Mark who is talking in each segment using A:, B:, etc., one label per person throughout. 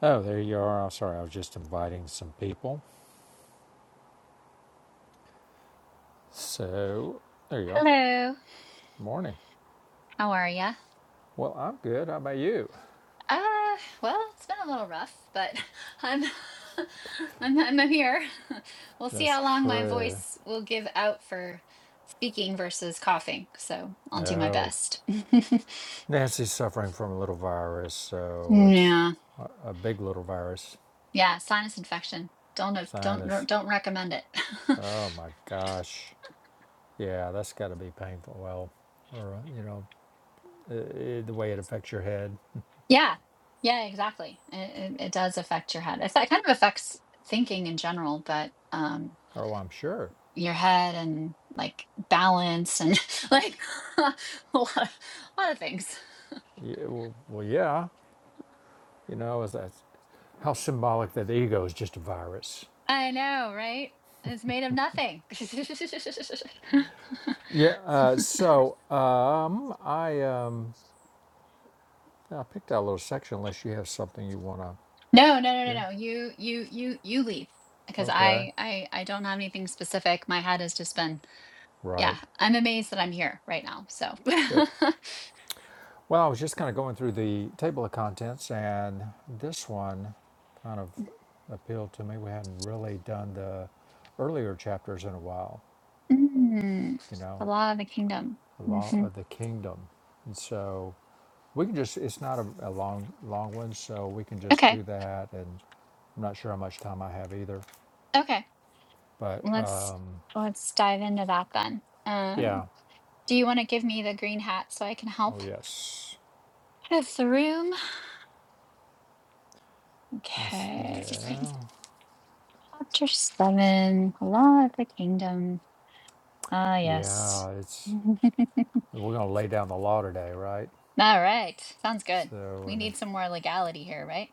A: Oh, there you are. I'm sorry, I was just inviting some people. So, there you are.
B: Hello.
A: Morning.
B: How are ya?
A: Well, I'm good. How about you?
B: Uh, well, it's been a little rough, but I'm I'm I'm here. We'll see
A: That's
B: how long my
A: true.
B: voice will give out for speaking versus coughing. So I'll do my
A: Oh,
B: best.
A: Nancy's suffering from a little virus, so it's
B: Yeah.
A: a big little virus.
B: Yeah, sinus infection. Don't have- don't don't
A: Sinus.
B: don't recommend it.
A: Oh my gosh. Yeah, that's got to be painful. Well, or, uh, you know, i the way it affects your head.
B: Yeah. Yeah, exactly. It, it, it does affect your head. It kind of affects thinking in general, but um
A: Oh, I'm sure.
B: your head and like balance and like a lot, a lot of things.
A: Yeah, well, well, yeah. You know, is that how symbolic that the ego is just a virus
B: I know, right? It's made of nothing. no,
A: Yeah. Uh, so um, I um, I picked out a little section. Unless you have something you want
B: no, no, no,
A: to do.
B: no. You, you, you, you leave because
A: Okay.
B: I, I, I don't have anything specific. My head has just been, yeah.
A: Right.
B: I'm amazed that I'm here right now. So,
A: Good. Well, I was just kind of going through the table of contents, and this one kind of appealed to me. We hadn't really done the earlier chapters in a while.
B: Mm,
A: You know,
B: the law of the kingdom.
A: the law
B: hmm
A: of the kingdom, and so we can just. It's not a, a long long one, so we can just
B: Okay,
A: do that. And I'm not sure how much time I have either,
B: okay.
A: but. Uh,
B: Let's let's dive into that then. Um.
A: yeah,
B: Do you want to give me the green hat so I can help?
A: Oh, yes.
B: Out of the room.
A: Yes, we
B: Okay.
A: go.
B: Chapter seven. Law of the Kingdom. Ah, yes.
A: Yeah, it's
B: All
A: we're gonna lay down the law today, right?
B: right. Sounds good.
A: So,
B: We
A: and
B: need some more legality here, right?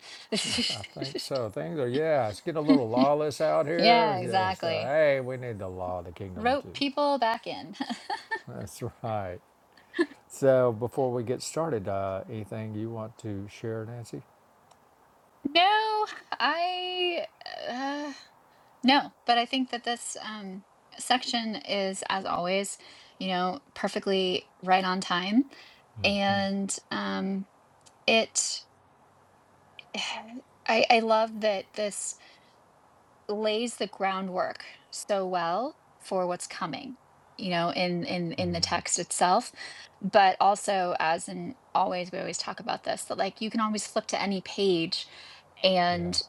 A: I, th- I think so. Things are yeah, it's getting a little lawless out
B: yeah,
A: here. Just uh,
B: exactly.
A: hey, we need the law of the kingdom
B: Rope
A: too.
B: people back in.
A: That's right. So, before we get started, uh, anything you want to share, Nancy?
B: No, I. uh, No, but I think that this um, section is, as always, you know, perfectly right on time,
A: Mm-hmm.
B: and um, it. I, I love that this lays the groundwork so well for what's coming, you know, in in in the
A: Mm-hmm.
B: text itself, but also as in always we always talk about this that like you can always flip to any page
A: Yeah,
B: and.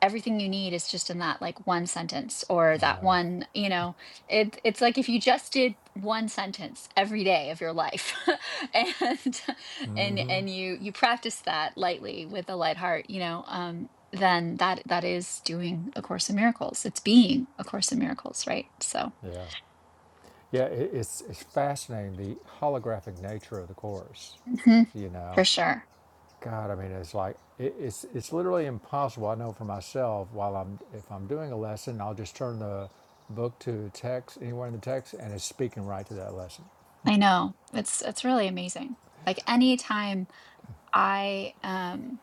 B: everything you need is just in that like one sentence or
A: I
B: that
A: know.
B: one you know it it's like if you just did one sentence every day of your life and and
A: Mm-hmm.
B: and you you practice that lightly with a light heart you know um then that that is doing a course in miracles it's being a course in miracles right so
A: Yeah, yeah. It, it's it's fascinating the holographic nature of the course.
B: mhm,
A: You know,
B: for sure
A: God, I mean, it's like it, it's it's literally impossible. I know for myself, while I'm if I'm doing a lesson, I'll just turn the book to text anywhere in the text, and it's speaking right to that lesson.
B: i know it's it's really amazing like anytime i um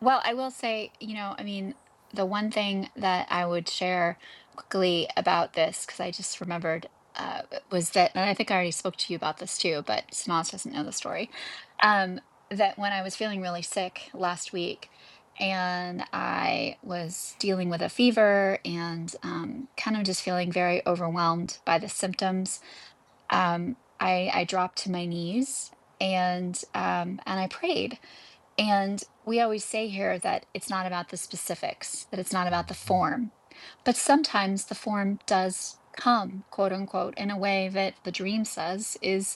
B: Well, I will say, you know, I mean, the one thing that I would share quickly about this, because I just remembered, uh, was that, and I think I already spoke to you about this too, but Sanaz doesn't know the story, um, that when I was feeling really sick last week and I was dealing with a fever and um, kind of just feeling very overwhelmed by the symptoms, um, I, I dropped to my knees and um, and I prayed and we always say here that it's not about the specifics, that it's not about the
A: Mm-hmm.
B: form. But sometimes the form does come, quote unquote, in a way that the dream says is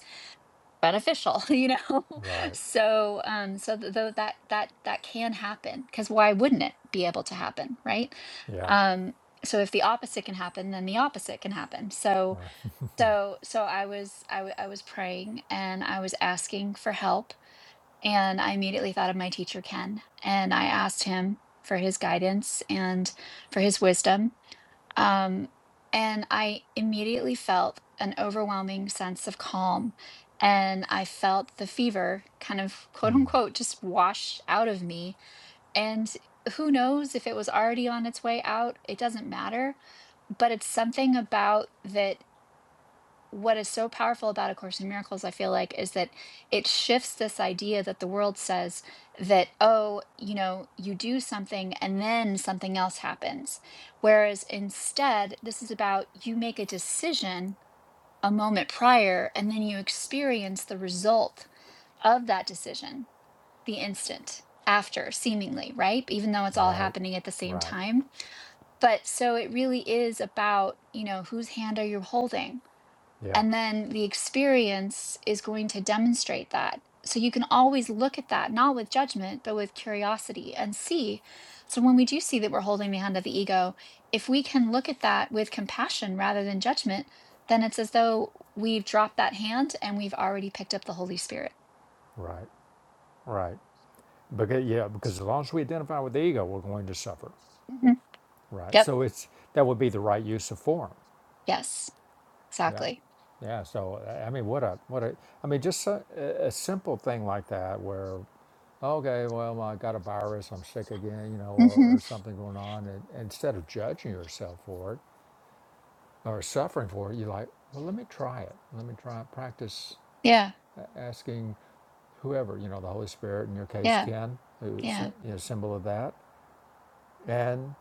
B: beneficial, you know?
A: Right.
B: so um so th- though that that that can happen because why wouldn't it be able to happen, right?
A: Yeah.
B: Um so if the opposite can happen, then the opposite can happen. So
A: Right.
B: so so I was I, w- I was praying and I was asking for help and I immediately thought of my teacher, Ken, and I asked him for his guidance and for his wisdom. Um, and I immediately felt an overwhelming sense of calm. And I felt the fever kind of quote
A: Mm.
B: unquote just wash out of me. And who knows if it was already on its way out? It doesn't matter. But it's something about that what is so powerful about A Course in Miracles, I feel like, is that it shifts this idea that the world says that, oh, you know, you do something and then something else happens. Whereas instead, this is about you make a decision a moment prior and then you experience the result of that decision the instant after, seemingly, right? Even though it's all
A: Right.
B: happening at the same
A: Right.
B: time. But so it really is about, you know, whose hand are you holding?
A: Yeah.
B: And then the experience is going to demonstrate that. So you can always look at that, not with judgment, but with curiosity and see. So when we do see that we're holding the hand of the ego, if we can look at that with compassion rather than judgment, then it's as though we've dropped that hand and we've already picked up the Holy Spirit.
A: Right. Right. Because yeah, because as long as we identify with the ego, we're going to suffer.
B: Mhm.
A: Right.
B: Yep.
A: So it's that would be the right use of form.
B: Yes.
A: Yeah.
B: Exactly.
A: Yeah. So I I mean, what a what a I mean, just a, a simple thing like that where okay, well, I got a virus, I'm sick again, you know, or,
B: hmm
A: or something going on. And, and instead of judging yourself for it or suffering for it, you're like, well, let me try it. Let me try practice
B: Yeah.
A: asking whoever, you know, the Holy Spirit in your case,
B: Yeah.
A: Ken, who's
B: Yeah.
A: a you know, symbol of that. And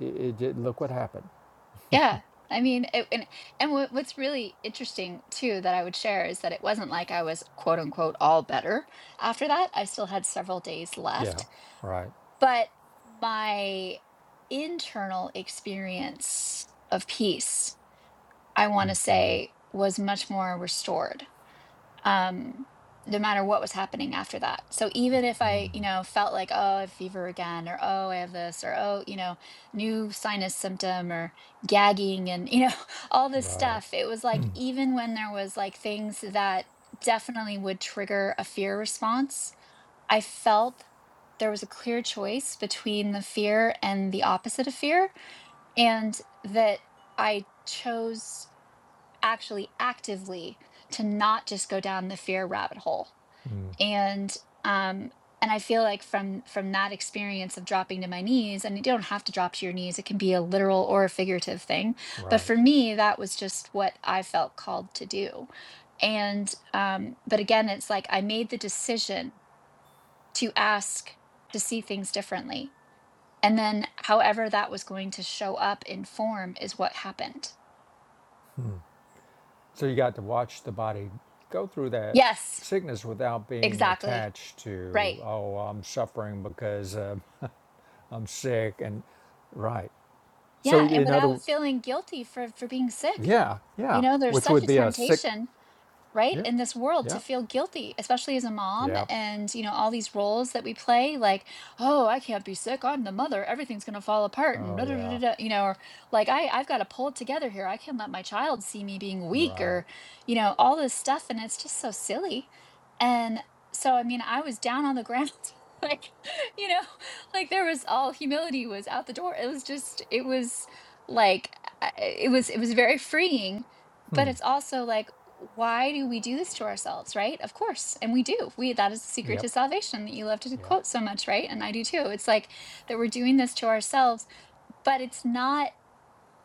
A: it, it did, look what happened.
B: Yeah. I mean, it, and and what, what's really interesting too that I would share is that it wasn't like I was quote unquote all better after that. I still had several days
A: Yeah,
B: left,
A: right,
B: but my internal experience of peace, I want to
A: hmm
B: say, was much more restored um, no matter what was happening after that. So even if I, you know, felt like, oh, I have fever again, or oh, I have this, or oh, you know, new sinus symptom, or gagging, and you know, all this
A: right,
B: stuff, it was like even when there was like things that definitely would trigger a fear response, I felt there was a clear choice between the fear and the opposite of fear, and that I chose actually actively to not just go down the fear rabbit hole
A: mm,
B: and um and i feel like from from that experience of dropping to my knees and you don't have to drop to your knees it can be a literal or a figurative thing but
A: right.
B: for me that was just what i felt called to do and um but again it's like i made the decision to ask to see things differently and then however that was going to show up in form is what happened
A: So you got to watch the body go through that
B: yes
A: sickness without being
B: exactly
A: attached
B: Right.
A: to, oh, I'm suffering because uh, I'm sick. And right. So,
B: Yeah, and
A: in
B: without
A: other,
B: feeling guilty for for being sick.
A: yeah,
B: You
A: yeah,
B: know, there's
A: which
B: such
A: would
B: a
A: be a sick,
B: temptation right
A: yeah,
B: in this world to
A: yeah,
B: feel guilty especially as a mom
A: yeah.
B: and you know all these roles that we play like oh i can't be sick i'm the mother everything's going to fall apart and
A: Oh,
B: da, da, da,
A: yeah,
B: da, da," you know or like i i've got to pull it together here i can't let my child see me being weak
A: right.
B: or you know all this stuff and it's just so silly and so i mean i was down on the ground like you know like there was all humility was out the door it was just it was like I- it was it was very freeing but
A: Hmm.
B: it's also like why do we do this to ourselves right of course and we do we that is the secret
A: Yep,
B: to salvation that you love to
A: yep,
B: quote so much right and i do too it's like that we're doing this to ourselves but it's not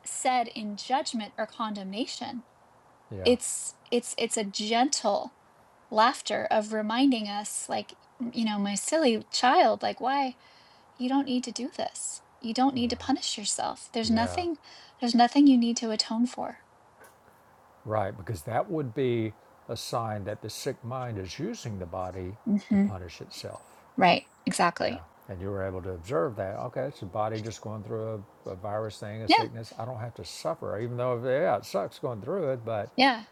B: said in judgment or condemnation
A: yeah,
B: it's it's it's a gentle laughter of reminding us like you know my silly child like why you don't need to do this you don't need to
A: right.
B: punish yourself there's
A: Yeah,
B: nothing there's nothing you need to atone for
A: right. Because that would be a sign that the sick mind is using the body to
B: hmm
A: punish itself.
B: right
A: Yeah.
B: exactly
A: And you were able to observe that. Okay, it's the body just going through a, a virus thing, a
B: Yeah.
A: sickness. I don't have to suffer, even though, yeah, it sucks going through it, but
B: Yeah,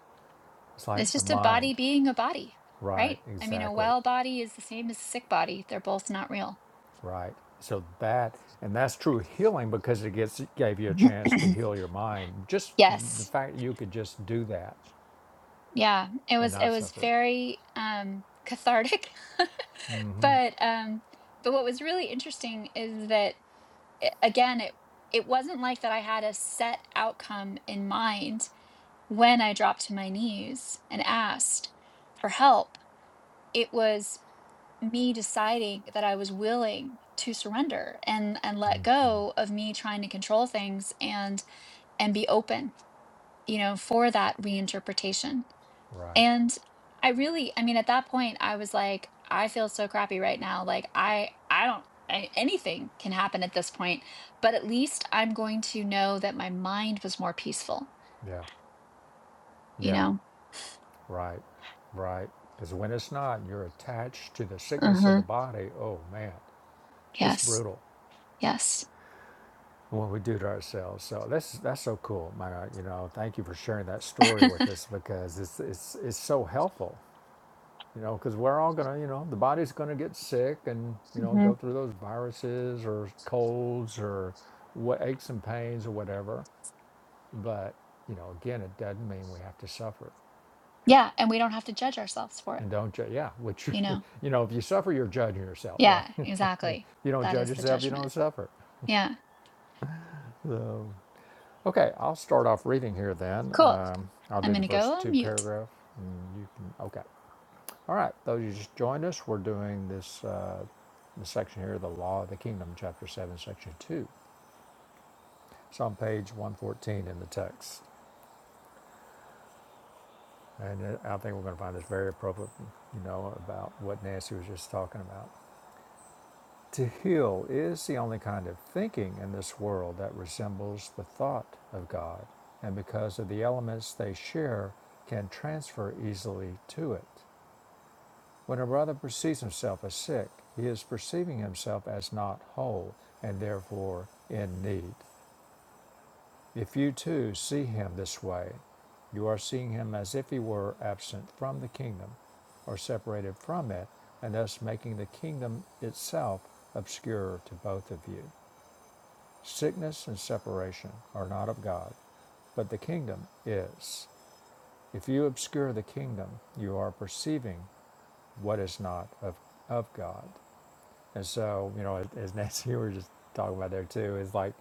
A: it's
B: it's
A: like the
B: just a
A: mind.
B: body being a body, right?
A: Right.
B: I mean, a
A: Exactly.
B: well body is the same as a sick body. They're both not real.
A: Right. So that, and that's true healing because it gets gave you a
B: Mhm.
A: chance to heal your mind. Just the
B: Yes.
A: fact that you could just do that
B: Yeah. It
A: and
B: was it
A: not
B: was
A: suffer.
B: very um cathartic. but um but what was really interesting is that a- again it it wasn't like that I had a set outcome in mind when I dropped to my knees and asked for help. It was me deciding that I was willing to surrender and and let go
A: Mm-hmm.
B: of me trying to control things and and be open, you know, for that reinterpretation.
A: Right.
B: And I really, I mean, at that point, I was like, I feel so crappy right now. Like I I don't I, anything can happen at this point, but at least I'm going to know that my mind was more peaceful,
A: Yeah.
B: you
A: Yeah.
B: know.
A: Right. Right. Because when it's not, you're attached to the sickness of
B: Uh-huh.
A: the body. Oh, man, it's
B: Yes.
A: brutal.
B: Yes.
A: what we do to ourselves. So that's that's so cool, Myra. You know, thank you for sharing that story with us because it's it's it's so helpful. You know, because we're all gonna, you know, the body's gonna get sick and you know
B: hmm
A: go through those viruses or colds or what aches and pains or whatever. But you know, again, it doesn't mean we have to suffer.
B: Yeah, and we don't have to judge ourselves for it,
A: And don't judge. Yeah, which
B: you know.
A: you know, if you suffer, you're judging yourself, right?
B: Yeah,
A: If
B: exactly.
A: you don't
B: That
A: judge
B: is the
A: yourself, you
B: judgment.
A: don't suffer.
B: Yeah.
A: So. Okay, I'll start off reading here then.
B: Cool.
A: Um, I'll
B: I'm
A: do the
B: gonna go
A: verse
B: on
A: two
B: mute.
A: paragraph. And you can, okay. All right, those you just joined us, we're doing this uh, the section here, The Law of the Kingdom, Chapter 7, Section 2. It's on page 114 in the text. And uh, I think we're going to find this very appropriate, you know, about what Nancy was just talking about. To heal is the only kind of thinking in this world that resembles the thought of God, and because of the elements they share, can transfer easily to it. When a brother perceives himself as sick, he is perceiving himself as not whole and therefore in need. If you too see him this way, you are seeing him as if he were absent from the kingdom or separated from it, and thus making the kingdom itself obscure to both of you. Sickness and separation are not of God, but the kingdom is. If you obscure the kingdom, you are perceiving what is not of, of God. And so, you know, as Nancy, we were just talking about there too, is like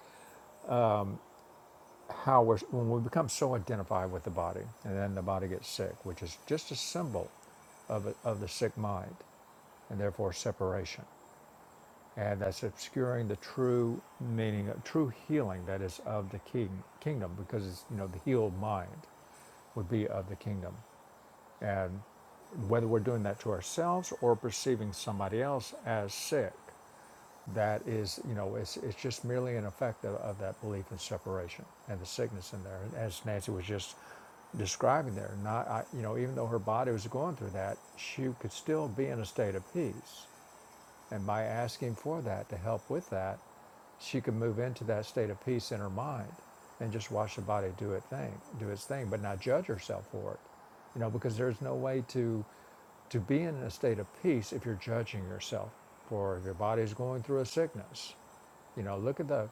A: how we're, when we become so identified with the body and then the body gets sick, which is just a symbol of, a, of the sick mind and therefore separation. and that's obscuring the true meaning, true healing that is of the king, kingdom, because it's you know the healed mind would be of the kingdom, and whether we're doing that to ourselves or perceiving somebody else as sick, that is you know it's it's just merely an effect of, of that belief in separation and the sickness in there, as Nancy was just describing there. Not I, you know even though her body was going through that, she could still be in a state of peace and by asking for that, to help with that, she could move into that state of peace in her mind and just watch the body do its thing, do its thing, but not judge herself for it. You know, because there's no way to to be in a state of peace if you're judging yourself for if your body's going through a sickness. You know, look at the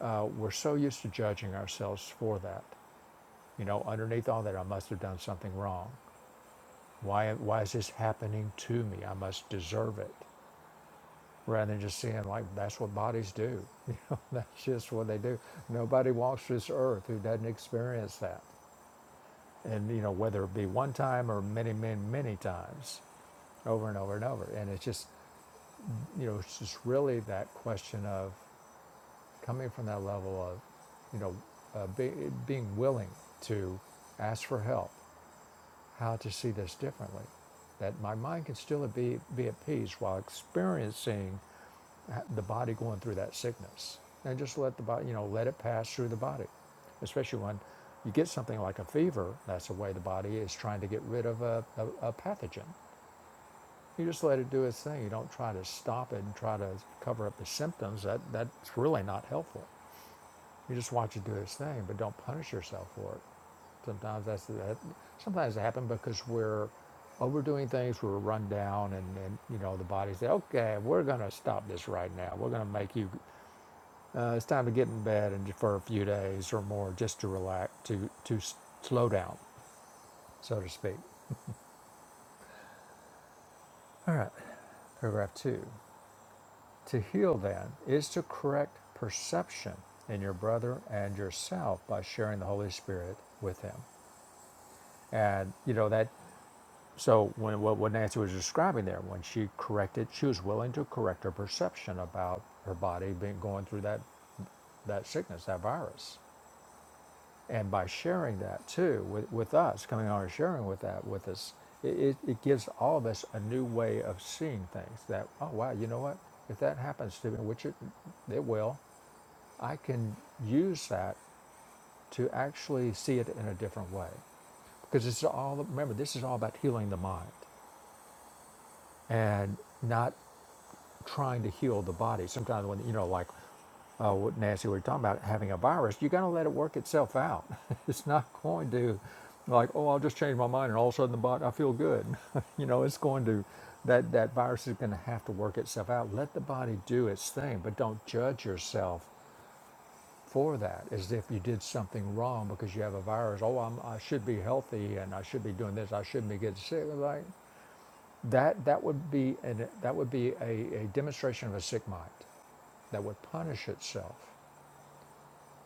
A: uh, we're so used to judging ourselves for that. You know, underneath all that, I must have done something wrong. Why, why is this happening to me? I must deserve it rather than just seeing like that's what bodies do. You know, that's just what they do. Nobody walks this earth who doesn't experience that. And you know, whether it be one time or many, many, many times, over and over and over. And it's just you know, it's just really that question of coming from that level of, you know, uh, be, being willing to ask for help how to see this differently. That my mind can still be, be at peace while experiencing uh, the body going through that sickness. And just let the body, you know, let it pass through the body. Especially when you get something like a fever, that's the way the body is trying to get rid of a, a, a pathogen. You just let it do its thing. You don't try to stop it and try to cover up the symptoms. That, that's really not helpful. You just watch it do its thing, but don't punish yourself for it. Sometimes that's that. Sometimes it happens because we're overdoing things. We're run down, and, and you know the body says, "Okay, we're going to stop this right now. We're going to make you. Uh, it's time to get in bed and for a few days or more, just to relax, to to slow down, so to speak." All right. Paragraph two. To heal then is to correct perception in your brother and yourself by sharing the Holy Spirit with him. And you know that. So when what, what Nancy was describing there, when she corrected, she was willing to correct her perception about her body being going through that that sickness, that virus, and by sharing that too with, with us, coming on and sharing with that with us, it, it, it gives all of us a new way of seeing things. That oh wow, you know what? If that happens to me, which it, it will, I can use that to actually see it in a different way, because it's all remember this is all about healing the mind and not trying to heal the body. Sometimes when you know, like uh, what Nancy we were talking about, having a virus, you got to let it work itself out. it's not going to, like, oh, I'll just change my mind and all of a sudden the body, I feel good. you know, it's going to, that that virus is going to have to work itself out. Let the body do its thing, but don't judge yourself for that as if you did something wrong because you have a virus. Oh, I'm, I should be healthy and I should be doing this. I shouldn't be getting sick. Like. That, that would be, an, that would be a, a demonstration of a sick mind that would punish itself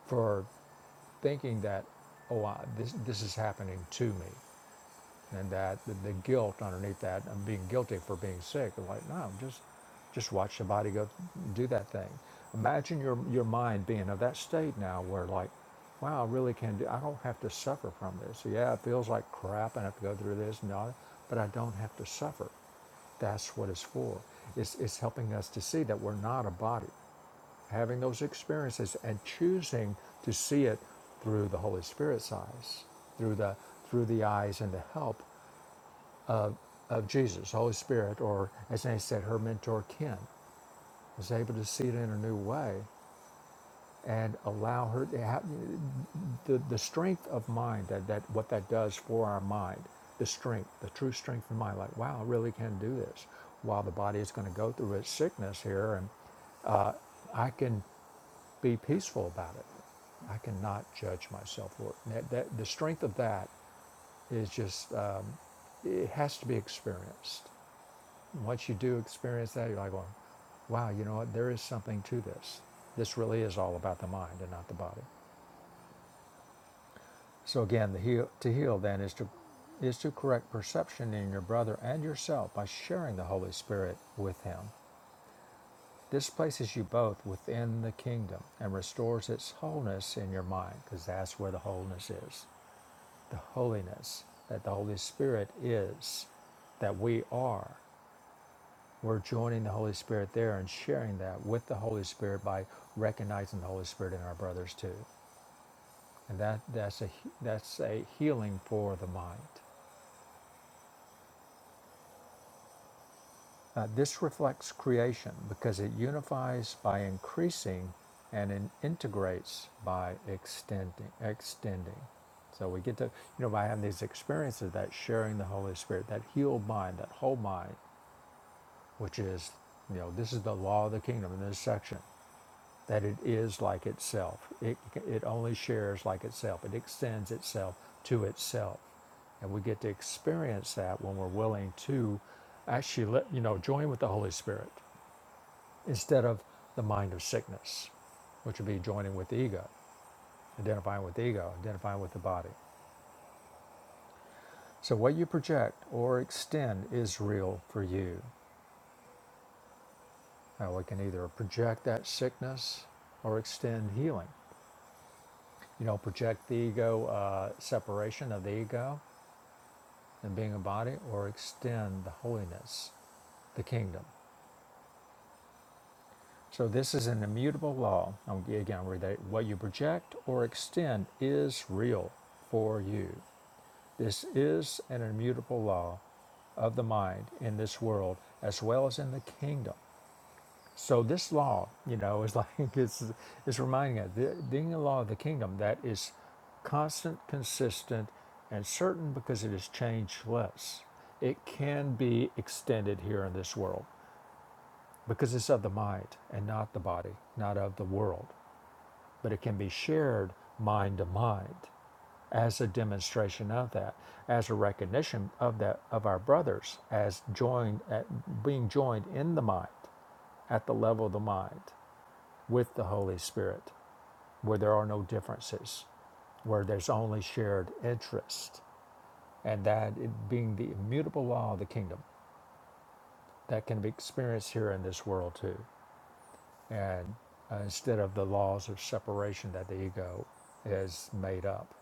A: for thinking that, oh, I, this, this is happening to me and that the, the guilt underneath that of being guilty for being sick. I'm like, no, just just watch the body go do that thing. Imagine your your mind being of that state now where like, wow, I really can do. I don't have to suffer from this. So, Yeah, it feels like crap. I have to go through this and all, that, but I don't have to suffer. That's what it's for. It's, it's helping us to see that we're not a body, having those experiences and choosing to see it through the Holy Spirit's eyes, through the through the eyes and the help of Jesus, Holy Spirit, or as Annie said, her mentor Ken, is able to see it in a new way and allow her to have the, the strength of mind that, that what that does for our mind, the strength, the true strength of mind, like, wow, I really can do this. While the body is going to go through its sickness here, and I can be peaceful about it. I cannot judge myself for it. And That, that, the strength of that is just, um, it has to be experienced. And once you do experience that, you're like, well, wow, you know what? There is something to this. This really is all about the mind and not the body. So again, the heal, to heal then is to is to correct perception in your brother and yourself by sharing the Holy Spirit with him. This places you both within the kingdom and restores its wholeness in your mind, because that's where the wholeness is, the holiness that the Holy Spirit is, that we are. We're joining the Holy Spirit there and sharing that with the Holy Spirit by recognizing the Holy Spirit in our brothers too. And that, that's, a, that's a healing for the mind. Uh, this reflects creation because it unifies by increasing and it integrates by extending. extending. So we get to, you know, by having these experiences, that sharing the Holy Spirit, that healed mind, that whole mind, which is, you know, this is the law of the kingdom in this section. that it is like itself. It, it only shares like itself, it extends itself to itself. And we get to experience that when we're willing to actually, let, you know, join with the Holy Spirit instead of the mind of sickness, which would be joining with the ego, identifying with the ego, identifying with the body. So what you project or extend is real for you. Now we can either project that sickness or extend healing. you know, project the ego, uh, separation of the ego and being a body, or extend the holiness, the kingdom. So this is an immutable law. i Again, I'll read that. What you project or extend is real for you. This is an immutable law of the mind in this world as well as in the kingdom. So this law, you know, is like it's it's reminding us the, being a law of the kingdom that is constant, consistent, and certain because it is changeless. It can be extended here in this world because it's of the mind and not the body, not of the world. But it can be shared mind to mind as a demonstration of that, as a recognition of that of our brothers as joined at being joined in the mind at the level of the mind with the Holy Spirit, where there are no differences, where there's only shared interest, and that it being the immutable law of the kingdom that can be experienced here in this world too. And uh, instead of the laws of separation that the ego has made up.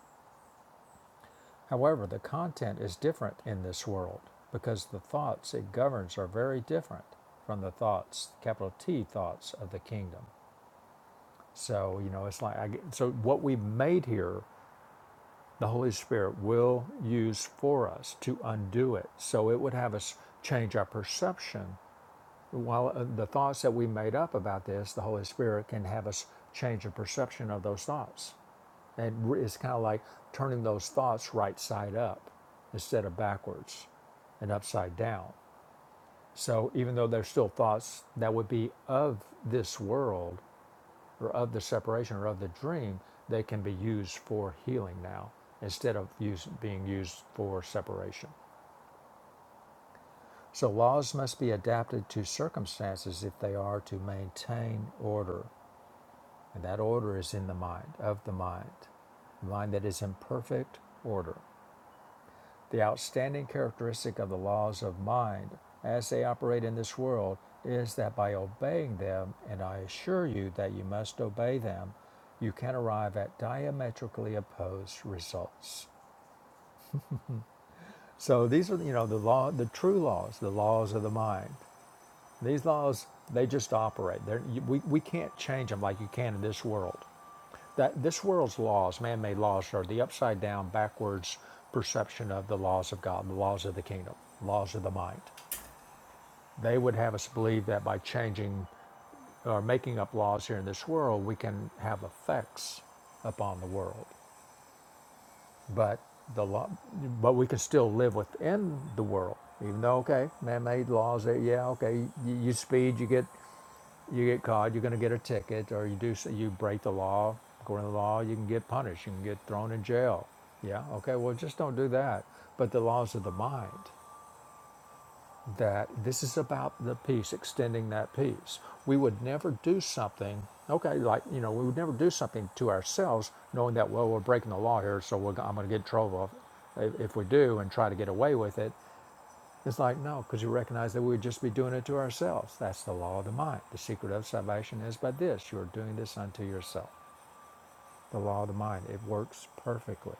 A: However, the content is different in this world because the thoughts it governs are very different from the thoughts, capital T thoughts of the kingdom. So, you know, it's like, I, so what we've made here the Holy Spirit will use for us to undo it. So it would have us change our perception. While uh, the thoughts that we made up about this, the Holy Spirit can have us change the perception of those thoughts. And it's kind of like turning those thoughts right side up instead of backwards and upside down. So even though they're still thoughts that would be of this world, or of the separation or of the dream, they can be used for healing now instead of use, being used for separation. So laws must be adapted to circumstances if they are to maintain order. And that order is in the mind, of the mind, the mind that is in perfect order. The outstanding characteristic of the laws of mind as they operate in this world is that by obeying them, and I assure you that you must obey them, you can arrive at diametrically opposed results. So these are, you know, the law, the true laws, the laws of the mind. These laws, they just operate. They're, we, we can't change them like you can in this world that this world's laws, man-made laws, are the upside-down, backwards perception of the laws of God, the laws of the kingdom, laws of the mind. They would have us believe that by changing or making up laws here in this world, we can have effects upon the world. But the law, but we can still live within the world, even though okay, man-made laws. yeah, okay, you, you speed, you get. You get caught, you're going to get a ticket, or you do s- you break the law. According to the law, you can get punished. You can get thrown in jail. Yeah. Okay. Well, just don't do that. But the laws of the mind. That this is about the peace, extending that peace. We would never do something. Okay, like you know, we would never do something to ourselves, knowing that well we're breaking the law here, so we're, I'm going to get in trouble if, if we do and try to get away with it. It's like, no, because you recognize that we'd just be doing it to ourselves. That's the law of the mind. The secret of salvation is by this you're doing this unto yourself. The law of the mind. It works perfectly,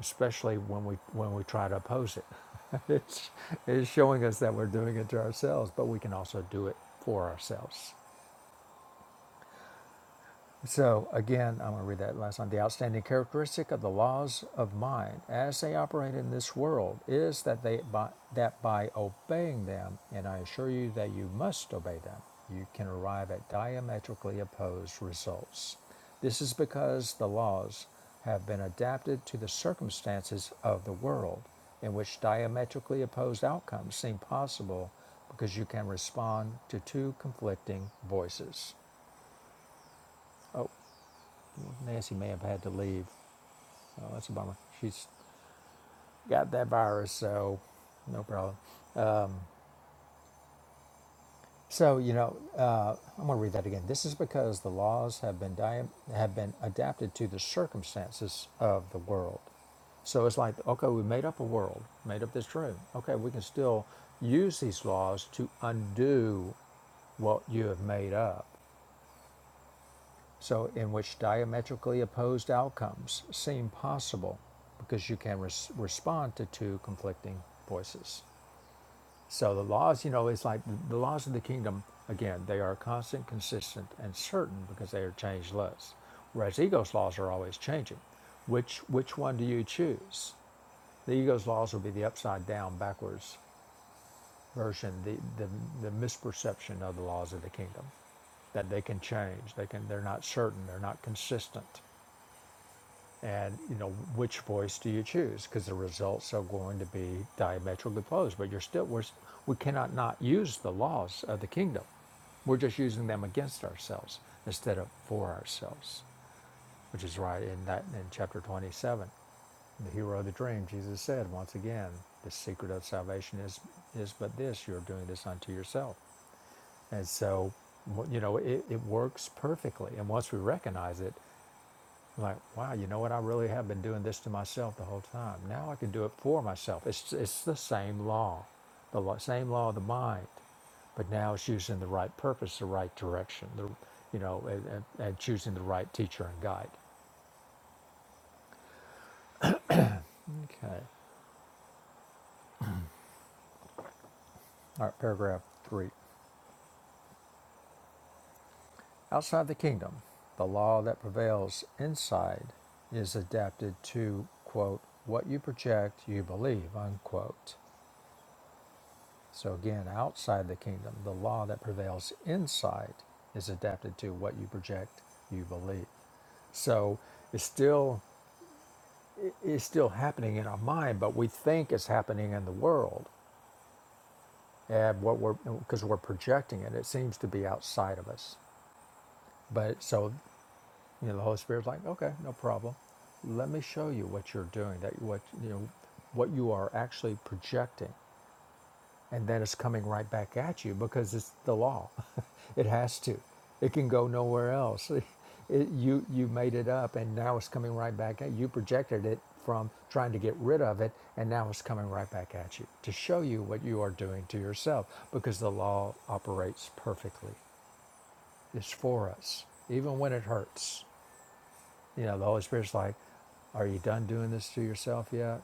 A: especially when we when we try to oppose it. it's, it's showing us that we're doing it to ourselves, but we can also do it for ourselves. So again, I'm going to read that last line. The outstanding characteristic of the laws of mind as they operate in this world is that they by, that by obeying them, and I assure you that you must obey them, you can arrive at diametrically opposed results. This is because the laws have been adapted to the circumstances of the world in which diametrically opposed outcomes seem possible because you can respond to two conflicting voices. Nancy may have had to leave. Oh, that's a bummer. She's got that virus, so no problem. So you know, uh, I'm going to read that again. This is because the laws have been dia- have been adapted to the circumstances of the world. So it's like, okay, we made up a world, made up this room. Okay, we can still use these laws to undo what you have made up. so in which diametrically opposed outcomes seem possible because you can res- respond to two conflicting voices. So the laws, you know, it's like the laws of the kingdom, again, they are constant, consistent, and certain because they are changeless. Whereas ego's laws are always changing. Which which one do you choose? The ego's laws will be the upside down, backwards version, the, the, the misperception of the laws of the kingdom. That they can change. They can they're not certain, they're not consistent and you know which voice do you choose because the results are going to be diametrically opposed but you're still we're, we cannot not use the laws of the kingdom we're just using them against ourselves instead of for ourselves which is right in that in chapter 27 the hero of the dream jesus said once again the secret of salvation is is but this you're doing this unto yourself and so you know it, it works perfectly and once we recognize it I'm like, wow, you know what? I really have been doing this to myself the whole time. Now I can do it for myself. It's, it's the same law, the law, same law of the mind, but now it's using the right purpose, the right direction, the, you know, and, and, and choosing the right teacher and guide. Okay. All right, paragraph three. Outside the kingdom, the law that prevails inside is adapted to, quote, what you project, you believe, unquote. So again, outside the kingdom, the law that prevails inside is adapted to what you project, you believe. So it's still it- it's still happening in our mind, but we think it's happening in the world, and what we're because we're projecting it, it seems to be outside of us. But so you know, the Holy Spirit's like, okay, no problem. Let me show you what you're doing. That what you know, what you are actually projecting. and then it's coming right back at you because it's the law. it has to. It can go nowhere else. It- it, you you made it up, and now it's coming right back at you. You projected it from trying to get rid of it, and now it's coming right back at you to show you what you are doing to yourself because the law operates perfectly. It's for us, even when it hurts. You know, the Holy Spirit's like, are you done doing this to yourself yet?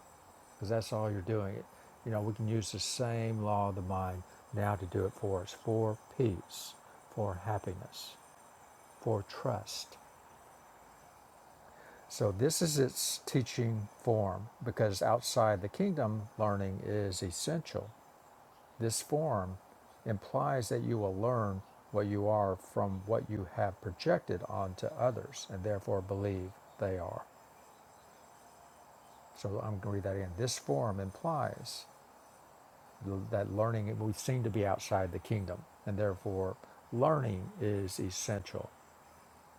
A: Because that's all you're doing. It. You know, we can use the same law of the mind now to do it for us, for peace, for happiness, for trust. So this is its teaching form because outside the kingdom, learning is essential. This form implies that you will learn what you are from what you have projected onto others and therefore believe they are. So I'm going to read that again. This form implies that learning, we seem to be outside the kingdom, and therefore learning is essential.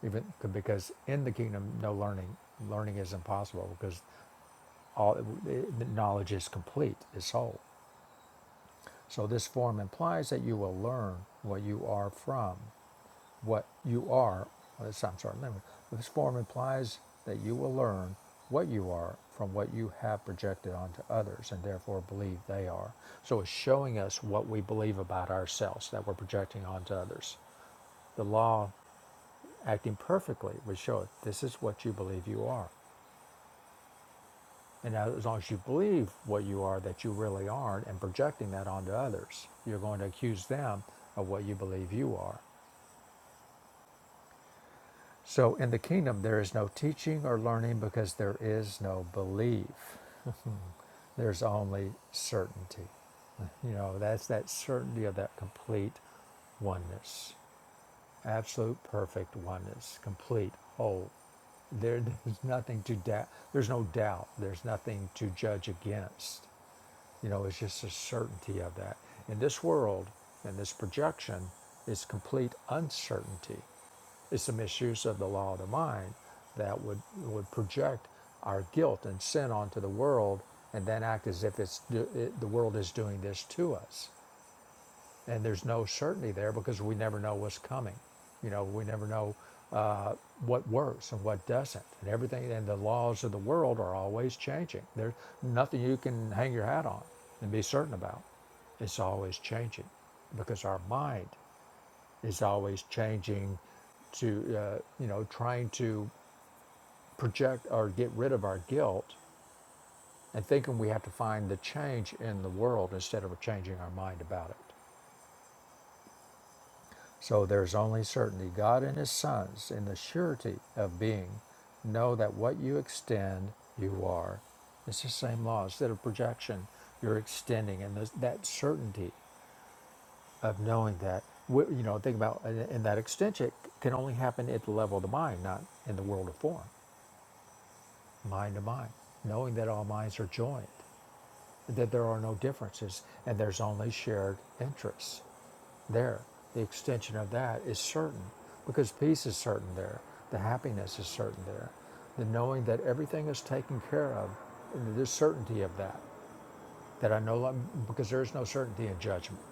A: Even because in the kingdom, no learning, learning is impossible because all the knowledge is complete, is whole. So this form implies that you will learn what you are from. what you are, I'm sorry, this form implies that you will learn what you are from what you have projected onto others and therefore believe they are. So it's showing us what we believe about ourselves that we're projecting onto others. The law acting perfectly would show it this is what you believe you are. And now, as long as you believe what you are that you really aren't and projecting that onto others, you're going to accuse them of what you believe you are. So in the kingdom, there is no teaching or learning because there is no belief. There's only certainty. You know, that's that certainty of that complete oneness, absolute perfect oneness, complete whole. There, there's nothing to doubt. There's no doubt. There's nothing to judge against. You know, it's just a certainty of that. In this world, in this projection is complete uncertainty. It's a misuse of the law of the mind that would, would project our guilt and sin onto the world and then act as if it's do, it, the world is doing this to us and there's no certainty there because we never know what's coming. You know, we never know uh, what works and what doesn't, and everything. And the laws of the world are always changing. There's nothing you can hang your hat on and be certain about. It's always changing because our mind is always changing to uh, you know trying to project or get rid of our guilt and thinking we have to find the change in the world instead of changing our mind about it So there's only certainty. God and His sons, in the surety of being, know that what you extend, you are. It's the same law. Instead of projection, you're extending, and there's that certainty of knowing that. wh- You know, think about, and and that extension can only happen at the level of the mind, not in the world of form, mind to mind. Knowing that all minds are joined, that there are no differences, and there's only shared interests. There, the extension of that is certain because peace is certain there. The happiness is certain there. The knowing that everything is taken care of, and there's certainty of that, that I know because there is no certainty in judgment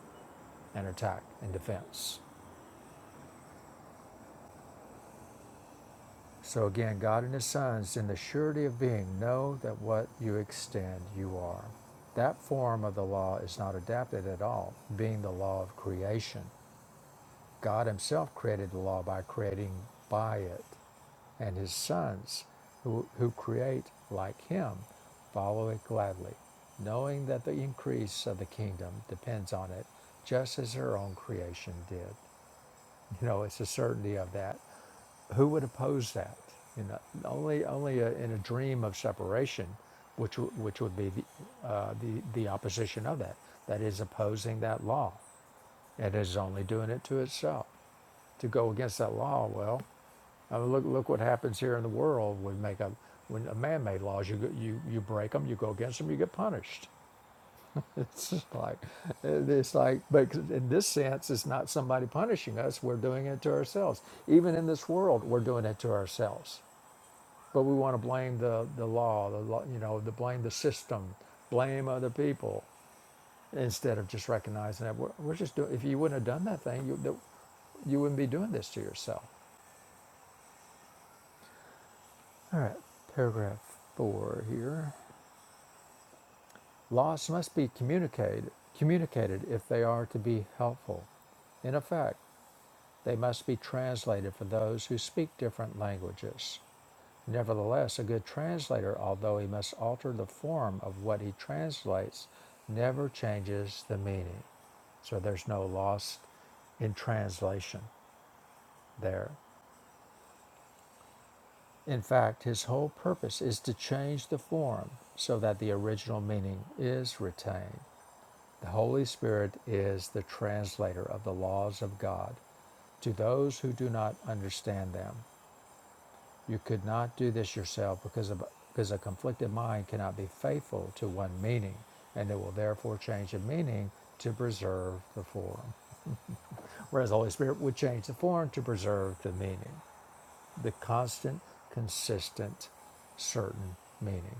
A: and attack and defense. So again, God and His sons, in the surety of being, know that what you extend, you are. That form of the law is not adapted at all, being the law of creation God Himself created the law by creating by it, and His sons, who, who create like Him, follow it gladly, knowing that the increase of the kingdom depends on it, just as their own creation did. You know, it's the certainty of that. Who would oppose that? You know, only only uh in a dream of separation, which w- which would be the, uh, the the opposition of that. That is opposing that law it is only doing it to itself. To go against that law, well, I mean, look look what happens here in the world. We make up when a man-made laws. You you you break them, you go against them, you get punished. It's just like it's like, but in this sense, it's not somebody punishing us. We're doing it to ourselves. Even in this world, we're doing it to ourselves. But we want to blame the the law, the law, you know, the blame the system, blame other people instead of just recognizing that we're, we're just doing if you wouldn't have done that thing you, you wouldn't be doing this to yourself All right, paragraph four here. Loss must be communicated communicated if they are to be helpful. In effect, they must be translated for those who speak different languages. Nevertheless, a good translator, although he must alter the form of what he translates, never changes the meaning. So there's no loss in translation. there. In fact, his whole purpose is to change the form so that the original meaning is retained. The Holy Spirit is the translator of the laws of God to those who do not understand them. You could not do this yourself because, of, because a conflicted mind cannot be faithful to one meaning, and it will therefore change the meaning to preserve the form. Whereas the Holy Spirit would change the form to preserve the meaning. the constant, consistent, certain meaning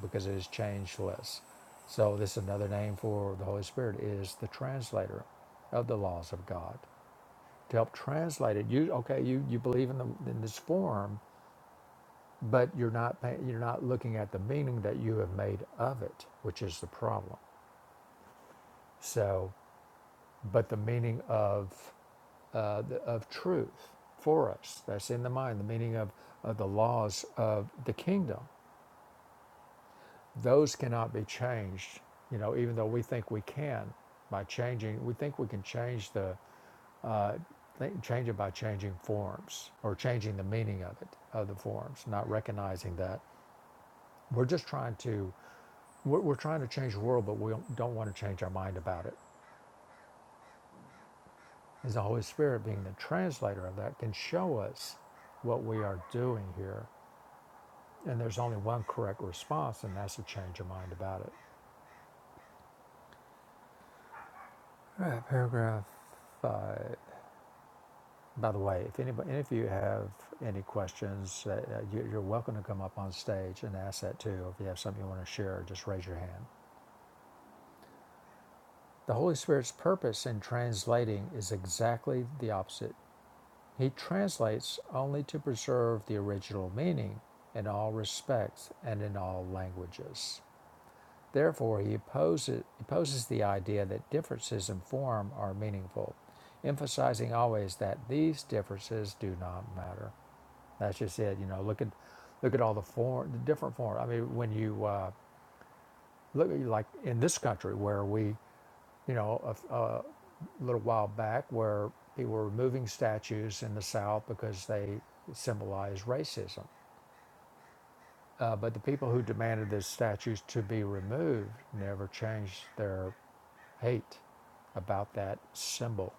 A: because it is changeless. So this is another name for the Holy Spirit is the translator of the laws of God to help translate it. You okay? You you believe in the in this form, but you're not pay- you're not looking at the meaning that you have made of it, which is the problem. So, but the meaning of uh, the, of truth for us that's in the mind, the meaning of, of the laws of the kingdom those cannot be changed you know even though we think we can by changing we think we can change the uh, think, change it by changing forms or changing the meaning of it of the forms not recognizing that we're just trying to we're, we're trying to change the world but we don't, don't want to change our mind about it as the holy spirit being the translator of that can show us what we are doing here and there's only one correct response and that's to change your mind about it all right paragraph five By the way, if anybody, any of you have any questions, uh, uh, you- you're welcome to come up on stage and ask that too. If you have something you want to share, just raise your hand. The Holy Spirit's purpose in translating is exactly the opposite. He translates only to preserve the original meaning in all respects and in all languages. Therefore, he opposes, opposes the idea that differences in form are meaningful, emphasizing always that these differences do not matter. That's just it. You know, look at look at all the form, the different form. I mean, when you uh, look at like in this country where we, you know, a a little while back where people were removing statues in the South because they symbolize racism. Uh, but the people who demanded the statues to be removed never changed their hate about that symbol.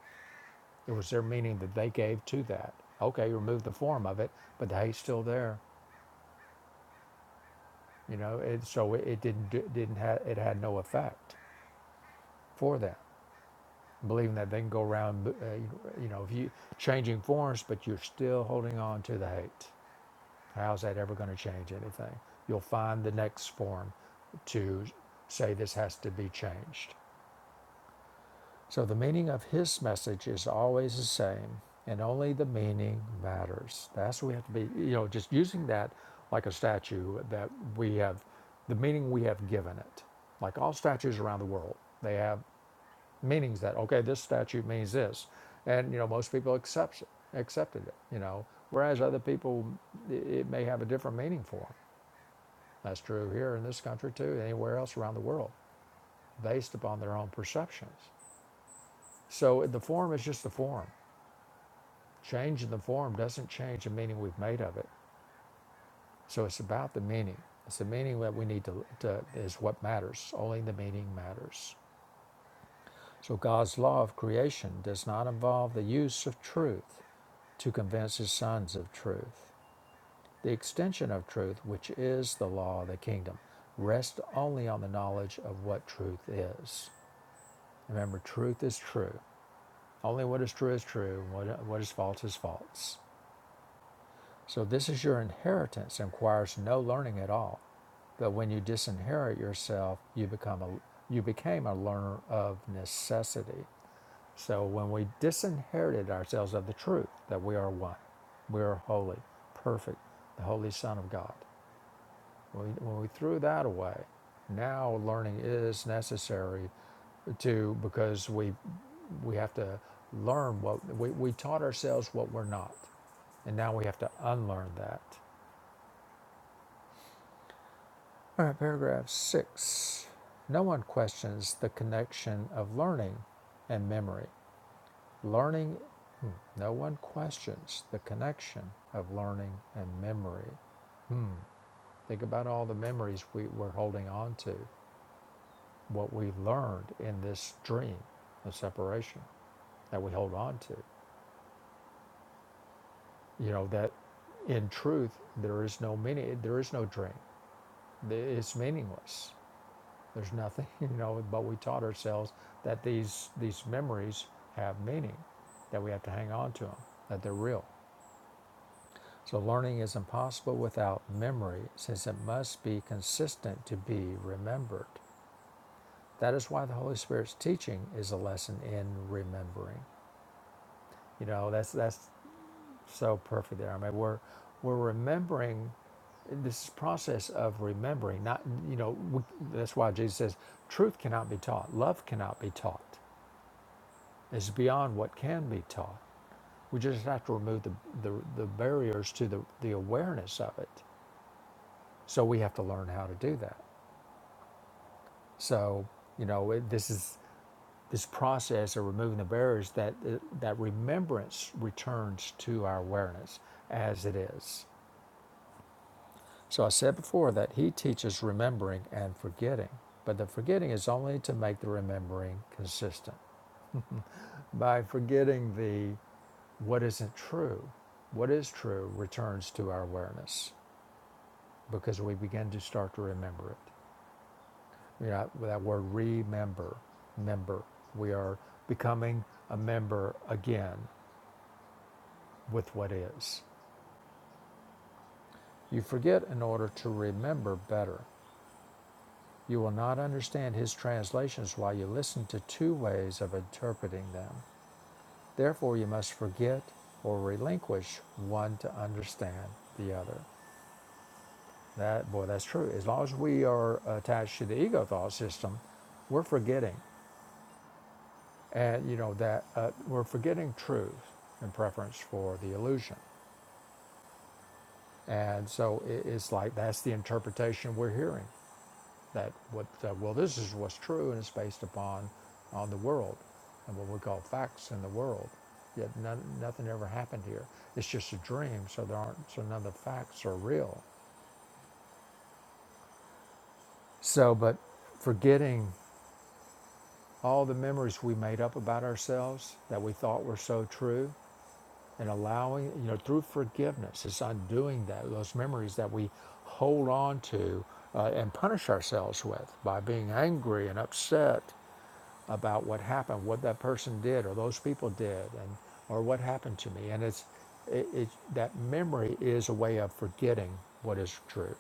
A: It was their meaning that they gave to that. Okay, you remove the form of it, but the hate's still there. You know, it, so it, didn't didn't have it had no effect for them. Believing that they can go around, uh, you know, if you changing forms, but you're still holding on to the hate. How's that ever going to change anything? You'll find the next form to say this has to be changed. So the meaning of his message is always the same, and only the meaning matters. That's what we have to be, you know, just using that like a statue that we have, the meaning we have given it. Like all statues around the world, they have meanings that okay, this statue means this, and you know most people accept it, accepted it, you know, whereas other people i- it may have a different meaning for them. That's true here in this country too, anywhere else around the world, based upon their own perceptions. So the form is just the form. Change in the form doesn't change the meaning we've made of it. So it's about the meaning. It's the meaning that we need to, to is what matters. Only the meaning matters. So God's law of creation does not involve the use of truth to convince his sons of truth. The extension of truth, which is the law of the kingdom, rests only on the knowledge of what truth is. Remember, truth is true. Only what is true is true, and what, what is false is false. So this is your inheritance and requires no learning at all. But when you disinherit yourself, you become a you became a learner of necessity. So when we disinherited ourselves of the truth that we are one, we are holy, perfect, the holy Son of God. When we, when we threw that away, now learning is necessary to because we we have to learn what we, we taught ourselves what we're not. And now we have to unlearn that. All right, paragraph six. No one questions the connection of learning and memory. Learning, hmm, no one questions the connection of learning and memory. Hmm. Think about all the memories we were holding on to, what we learned in this dream of separation that we hold on to. You know, that in truth, there is no meaning, there is no dream, it's meaningless. There's nothing, you know, but we taught ourselves that these, these memories have meaning, that we have to hang on to them, that they're real. So learning is impossible without memory, since it must be consistent to be remembered. That is why the Holy Spirit's teaching is a lesson in remembering. You know, that's that's so perfect there. I mean, we're we're remembering this process of remembering. Not you know, we, that's why Jesus says, "Truth cannot be taught. Love cannot be taught." is beyond what can be taught. We just have to remove the, the, the barriers to the, the awareness of it. So we have to learn how to do that. So, you know, it, this is this process of removing the barriers that that remembrance returns to our awareness as it is. So I said before that he teaches remembering and forgetting, but the forgetting is only to make the remembering consistent. By forgetting the What isn't true, what is true, returns to our awareness because we begin to start to remember it. You know, that word remember, member. We are becoming a member again with what is. You forget in order to remember better. You will not understand his translations while you listen to two ways of interpreting them. Therefore, you must forget or relinquish one to understand the other. That boy, that's true. As long as we are attached to the ego thought system, we're forgetting, and you know that uh, we're forgetting truth in preference for the illusion, and so it, it's like that's the interpretation we're hearing. That what uh, well, this is what's true, and it's based upon on the world and what we call facts in the world. Yet none, nothing ever happened here. It's just a dream, so there aren't so none of the facts are real. So, but forgetting. all the memories we made up about ourselves that we thought were so true and allowing you know through forgiveness it's undoing that those memories that we hold on to uh, and punish ourselves with by being angry and upset about what happened what that person did or those people did and or what happened to me and it's it, it that memory is a way of forgetting what is true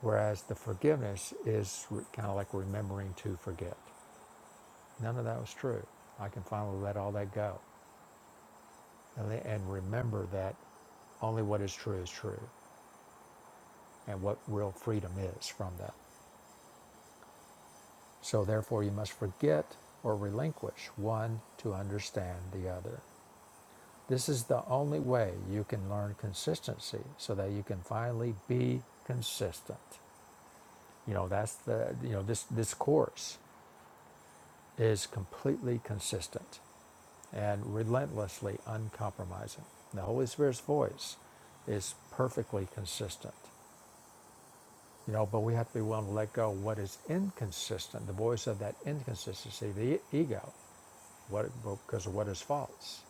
A: whereas the forgiveness is kind of like remembering to forget None of that was true. I can finally let all that go and, le- and remember that only what is true is true and what real freedom is from that. So, therefore, you must forget or relinquish one to understand the other. This is the only way you can learn consistency so that you can finally be consistent. You know, that's the, you know, this, this course. is completely consistent and relentlessly uncompromising. The Holy Spirit's voice is perfectly consistent. You know, but we have to be willing to let go of what is inconsistent, the voice of that inconsistency, the e- ego, what, because of what is false,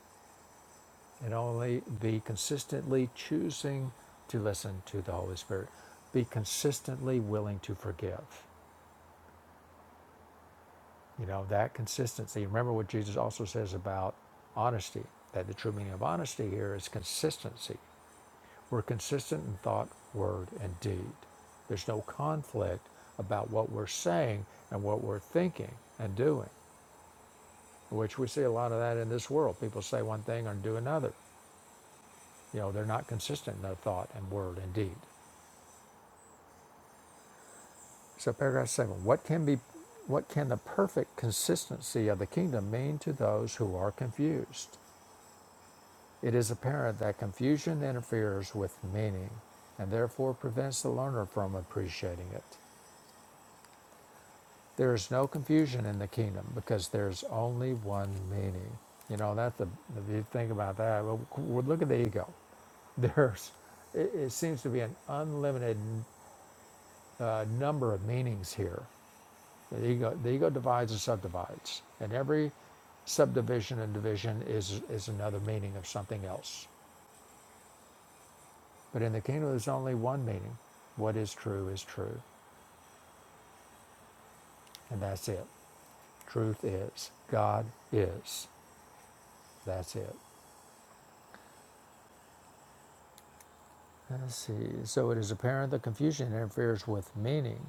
A: and only be consistently choosing to listen to the Holy Spirit, be consistently willing to forgive. You know, that consistency. Remember what Jesus also says about honesty, that the true meaning of honesty here is consistency. We're consistent in thought, word, and deed. There's no conflict about what we're saying and what we're thinking and doing, which we see a lot of that in this world. People say one thing and do another. You know, they're not consistent in their thought and word and deed. So paragraph seven, what can be what can the perfect consistency of the kingdom mean to those who are confused? It is apparent that confusion interferes with meaning and therefore prevents the learner from appreciating it. There is no confusion in the kingdom because there's only one meaning. You know, that's the, if you think about that, well, well, look at the ego. There's, it, it seems to be an unlimited uh, number of meanings here. The ego, the ego divides and subdivides, and every subdivision and division is, is another meaning of something else. But in the kingdom, there's only one meaning. What is true is true. And that's it. Truth is. God is. That's it. Let's see. So it is apparent that confusion interferes with meaning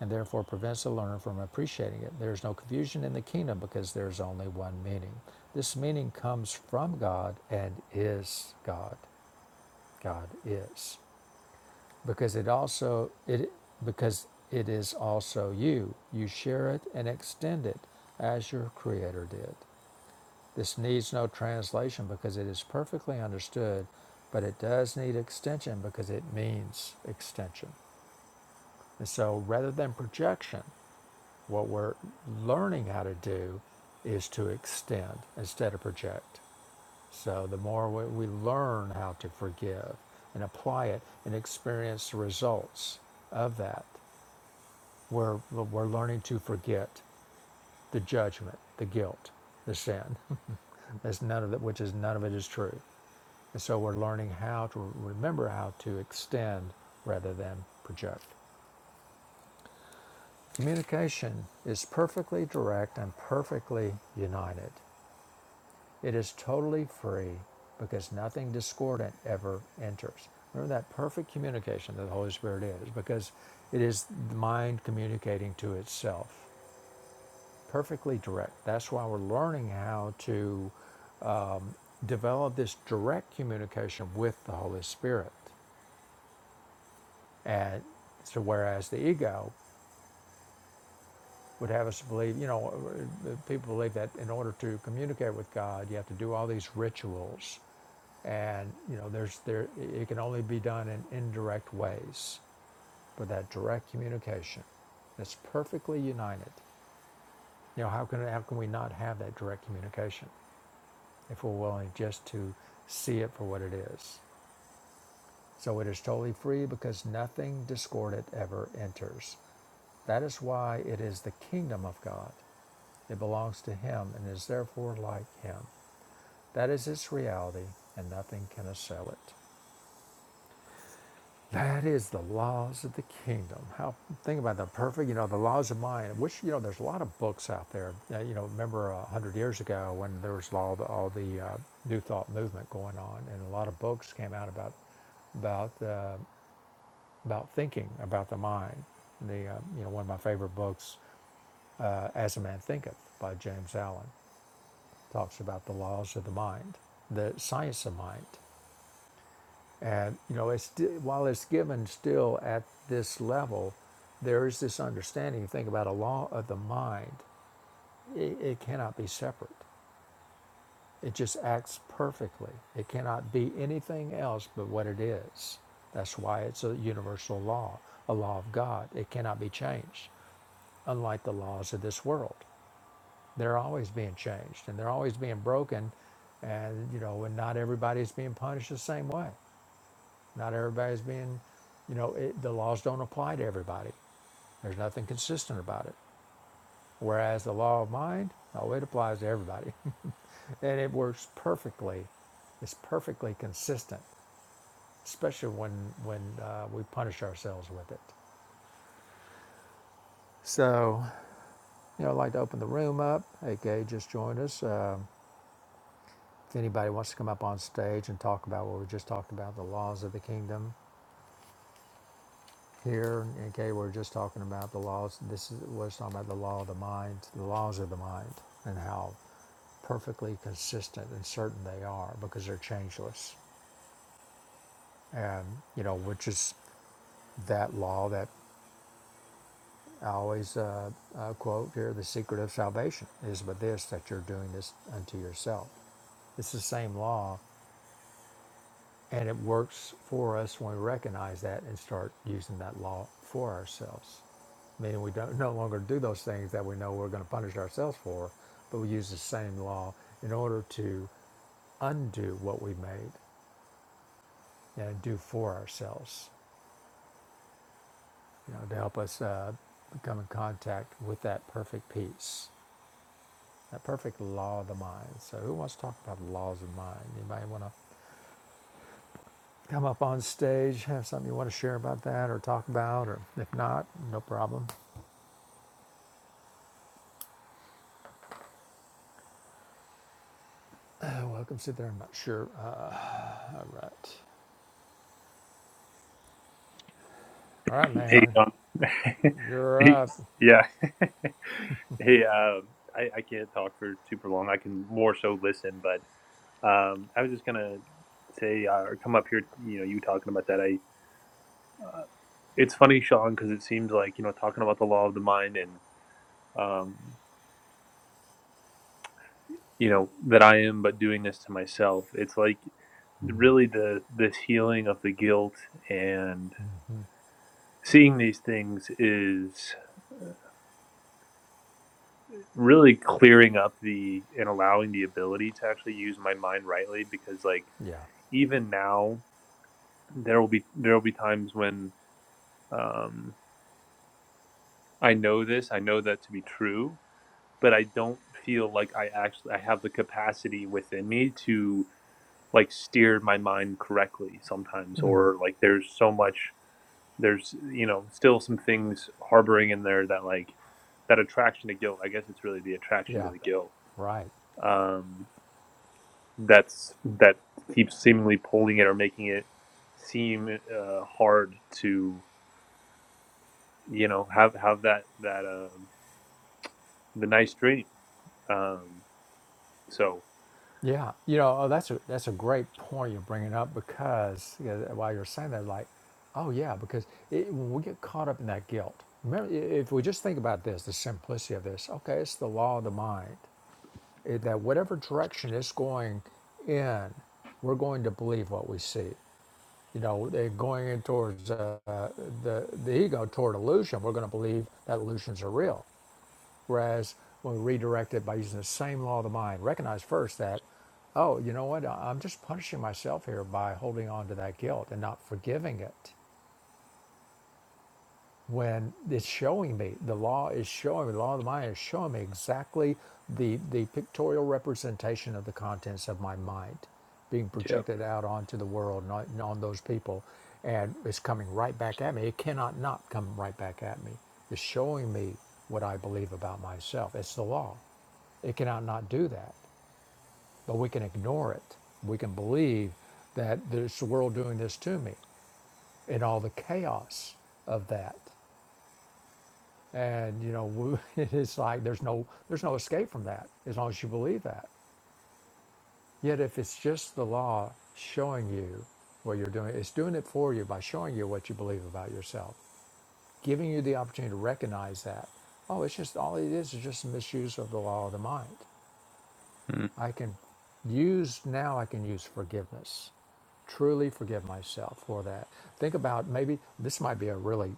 A: and therefore prevents the learner from appreciating it. There is no confusion in the kingdom because there is only one meaning. This meaning comes from God and is God. God is. because it also it because it is also you. You share it and extend it as your creator did. This needs no translation because it is perfectly understood, but it does need extension because it means extension. And so rather than projection, what we're learning how to do is to extend instead of project. So the more we, we learn how to forgive and apply it and experience the results of that, we're, we're learning to forget the judgment, the guilt, the sin. That's none of it, which is none of it is true. And so we're learning how to remember how to extend rather than project. Communication is perfectly direct and perfectly united. It is totally free because nothing discordant ever enters. Remember that perfect communication that the Holy Spirit is because it is the mind communicating to itself, perfectly direct. That's why we're learning how to develop this direct communication with the Holy Spirit. And so, whereas the ego would have us believe, you know, uh, uh, people believe that in order to communicate with God, you have to do all these rituals. And, you know, there's there it can only be done in indirect ways. But that direct communication that's perfectly united. You know, how can how can we not have that direct communication if we're willing just to see it for what it is? So it is totally free because nothing discordant ever enters. That is why it is the kingdom of God. It belongs to Him and is therefore like Him. That is its reality, and nothing can assail it. That is the laws of the kingdom. How think about the perfect, you know, the laws of mind. Which you know, there's a lot of books out there. Uh, you know, remember a uh, hundred years ago when there was all the, all the uh, new thought movement going on, and a lot of books came out about about uh, about thinking about the mind. The uh, you know one of my favorite books, uh, As a Man Thinketh by James Allen, talks about the laws of the mind, the science of mind, and you know it's while it's given still at this level, there is this understanding. You think about a law of the mind; it, it cannot be separate. It just acts perfectly. It cannot be anything else but what it is. That's why it's a universal law, a law of God. It cannot be changed. unlike the laws of this world. They're always being changed and they're always being broken. And, you know, and not everybody's being punished the same way. Not everybody's being, you know, it, the laws don't apply to everybody. There's nothing consistent about it. Whereas the law of mind, oh, it applies to everybody. and it works perfectly. It's perfectly consistent, especially when, when uh, we punish ourselves with it. So, you know, I'd like to open the room up. AK just joined us. Um, If anybody wants to come up on stage and talk about what we just talked about, the laws of the kingdom here, okay, we're just talking about the laws. This is, we're talking about the law of the mind, the laws of the mind, and how perfectly consistent and certain they are because they're changeless. And, you know, which is that law that I always uh, uh, quote here the secret of salvation is but this, that you're doing this unto yourself. It's the same law And it works for us when we recognize that and start using that law for ourselves. Meaning we don't no longer do those things that we know we're going to punish ourselves for, but we use the same law in order to undo what we made and do for ourselves, you know, to help us uh, become in contact with that perfect peace, that perfect law of the mind. So, who wants to talk about the laws of mind? Anybody want to? come up on stage, have something you want to share about that or talk about, or if not, no problem. Uh, welcome, sit there. I'm not sure. Uh, all right. All right,
C: Hey,
A: man.
C: um,
A: You're
C: he-
A: up.
C: yeah. hey, um, I, I can't talk for super long. I can more so listen, but um, I was just gonna say uh, or come up here. You know, you talking about that. I. Uh, it's funny, Sean, because it seems like you know talking about the law of the mind and um, you know that I am, but doing this to myself. It's like really the this healing of the guilt and seeing these things is. really clearing up the and allowing the ability to actually use my mind rightly because like
A: Yeah.
C: even now there will be there will be times when um I know this, I know that to be true, but I don't feel like I actually I have the capacity within me to like steer my mind correctly sometimes or like there's so much there's you know still some things harboring in there that like that attraction to guilt. I guess it's really the attraction to
A: Yeah.
C: the guilt.
A: Right.
C: Um that's that keeps seemingly pulling it or making it seem uh, hard to you know have have that that um, the nice dream. Um, so
A: Yeah. You know, oh, that's a that's a great point you're bringing up because you know, while you're saying that, like, oh yeah, because it, when we get caught up in that guilt, remember, i- if we just think about this, the simplicity of this. Okay, it's the law of the mind. eh, that whatever direction it's going in, we're going to believe what we see. You know, they're going in towards uh, uh, the the ego toward illusion. We're going to believe that illusions are real. Whereas when we redirect it by using the same law of the mind, recognize first that, oh, you know what? I'm just punishing myself here by holding on to that guilt and not forgiving it. when it's showing me the law is showing me the law of the mind is showing me exactly the the pictorial representation of the contents of my mind being
C: yeah,
A: projected out onto the world and on, and on those people and it's coming right back at me it cannot not come right back at me it's showing me what i believe about myself it's the law it cannot not do that but we can ignore it we can believe that it's the world doing this to me and all the chaos of that and you know, it is like there's no there's no escape from that as long as you believe that. Yet if it's just the law showing you what you're doing, it's doing it for you by showing you what you believe about yourself, giving you the opportunity to recognize that. Oh, it's just all it is is just a misuse of the law of the mind.
C: mm.
A: I can use now I can use forgiveness. Truly forgive myself for that. Think about maybe this might be a really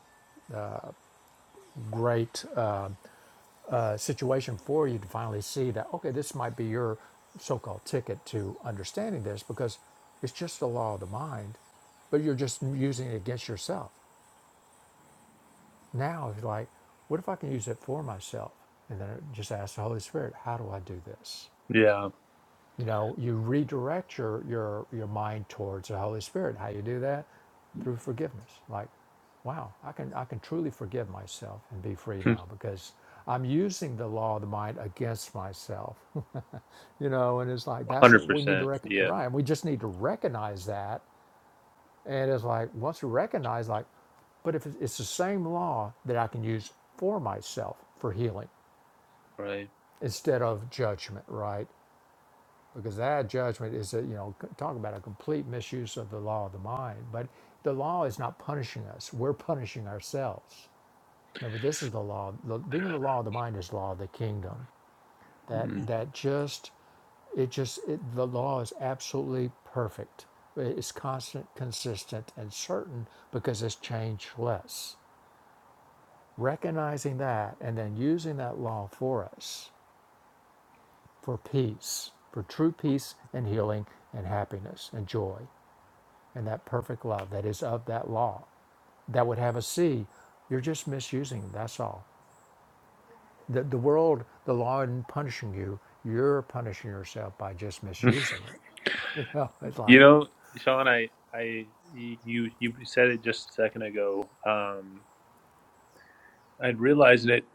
A: great uh, situation for you to finally see that okay this might be your so-called ticket to understanding this because it's just the law of the mind but you're just using it against yourself now it's like what if i can use it for myself and then just ask the holy spirit how do i do this
C: yeah,
A: you know you redirect your your your mind towards the holy spirit how you do that through forgiveness like wow i can i can truly forgive myself and be free now because i'm using the law of the mind against myself you know and it's like that's what
C: hundred
A: we need to
C: percent.
A: recognize
C: Yeah,
A: right we just need to recognize that and it's like once we recognize like but if it- it's the same law that i can use for myself for healing
C: right.
A: instead of judgment right because that judgment is a, you know c- talk about a complete misuse of the law of the mind but the law is not punishing us we're punishing ourselves remember this is the law the, being the law of the mind is law of the kingdom that
C: Mm.
A: that just it just it, the law is absolutely perfect it's constant consistent and certain because it's changeless recognizing that and then using that law for us for peace for true peace and healing and happiness and joy and that perfect love that is of that law that would have us see you're just misusing that's all the, the world the law isn't punishing you you're punishing yourself by just misusing it you know it's
C: You
A: like
C: know, Sean, I I you you said it just a second ago. Um, I realized it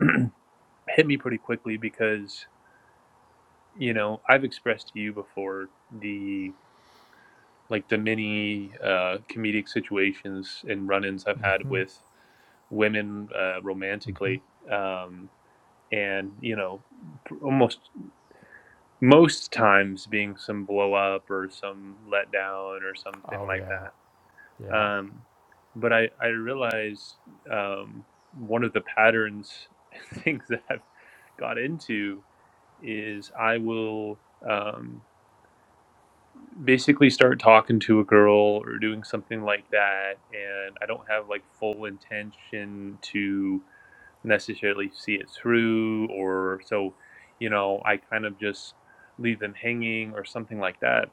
C: hit me pretty quickly because you know I've expressed to you before the. like the many uh, comedic situations and run-ins I've had
A: mhm,
C: with women uh,
A: mhm.
C: romantically, um, and you know, almost most times being some blow up or some letdown or something
A: oh
C: like
A: yeah
C: that.
A: yeah
C: Um, but I I realized um, one of the patterns things that I've got into is I will. Um, basically start talking to a girl or doing something like that and i don't have like full intention to necessarily see it through or so you know i kind of just leave them hanging or something like that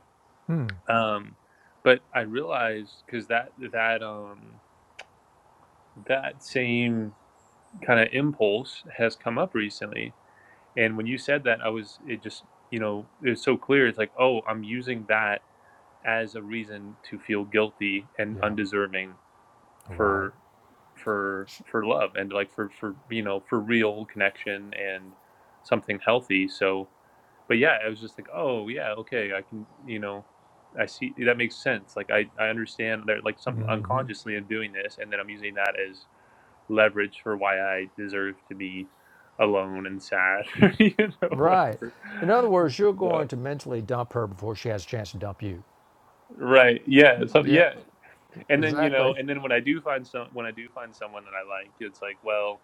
A: hmm,
C: um but i realized because that that um that same kind of impulse has come up recently and when you said that i was it just you know it's so clear it's like oh i'm using that as a reason to feel guilty and
A: yeah
C: undeserving
A: right
C: for for for love and like for for you know for real connection and something healthy so but yeah i was just like oh yeah okay i can you know i see that makes sense like i i understand that like some unconsciously i'm doing this and then i'm using that as leverage for why i deserve to be alone and sad you know
A: right
C: whatever
A: in other words you're going
C: so,
A: to mentally dump her before she has a chance to dump you
C: right yeah so,
A: yep
C: yeah and then you know
A: exactly
C: and then when i do find some when i do find someone that i like it's like well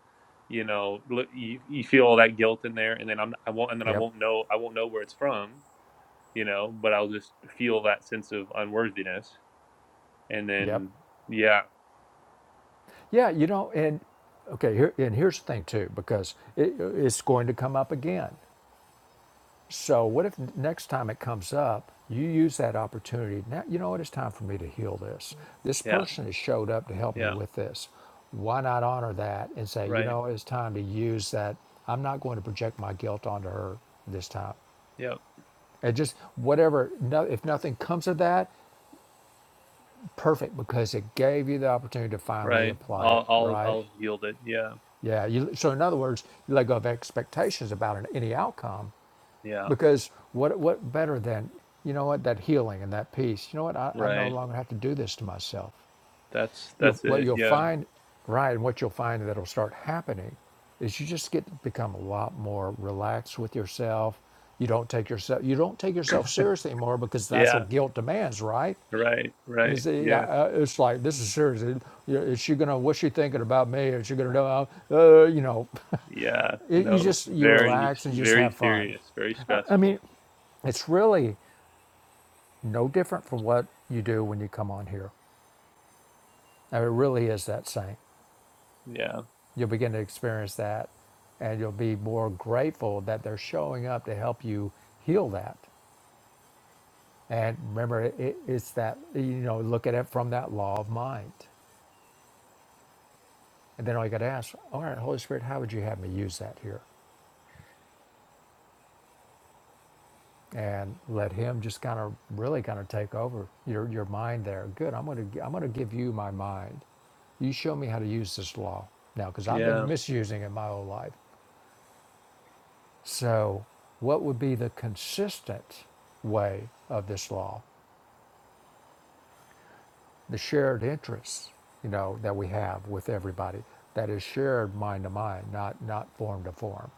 C: you know look you, you feel all that guilt in there and then i'm i won't and then i
A: yep
C: won't know i won't know where it's from you know but i'll just feel that sense of unworthiness and
A: yep
C: then yeah
A: Yeah, you know, and okay, here, and here's the thing too, because it, it's going to come up again. So, what if next time it comes up, you use that opportunity? Now, you know what? It's time for me to heal this. This
C: yeah
A: person has showed up to help me
C: yeah
A: with this. Why not honor that and say, you
C: right
A: know, it's time to use that? I'm not going to project my guilt onto her this time.
C: yep
A: And just whatever, no, if nothing comes of that, perfect, because it gave you the opportunity to finally
C: right
A: apply it,
C: i'll i'll
A: right?
C: i'll yield it yeah
A: Yeah. You, so in other words, you let go of expectations about an, any outcome
C: yeah
A: because what what better than you know what that healing and that peace. You know what? I, I no
C: right
A: longer have to do this to myself.
C: that's
A: You'll
C: that's
A: what
C: it
A: you'll
C: yeah
A: find right, and what you'll find that'll start happening is you just get to become a lot more relaxed with yourself. You don't take yourself you don't take yourself seriously anymore because that's
C: yeah
A: what guilt demands, right?
C: right right
A: Is it, yeah,
C: yeah
A: uh, it's like this is serious. Is she gonna what's she thinking about me? Is she gonna know? Uh, you know.
C: yeah
A: It, you
C: no
A: just you
C: very
A: relax and you just
C: very
A: have fun.
C: serious very
A: I,
C: stressful
A: mean, it's really no different from what you do when you come on here. And it really is that same.
C: yeah.
A: You'll begin to experience that, and you'll be more grateful that they're showing up to help you heal that. And remember, it, it's that you know, look at it from that law of mind. And then all you got to ask, all right, Holy Spirit, how would you have me use that here? and let him just kind of really kind of take over your your mind there. Good. I'm going to I'm going to give you my mind. You show me how to use this law now cuz I've been
C: Yeah.
A: misusing it my whole life. So, what would be the consistent way of this law? The shared interests, you know, that we have with everybody that is shared mind to mind, not not form to form,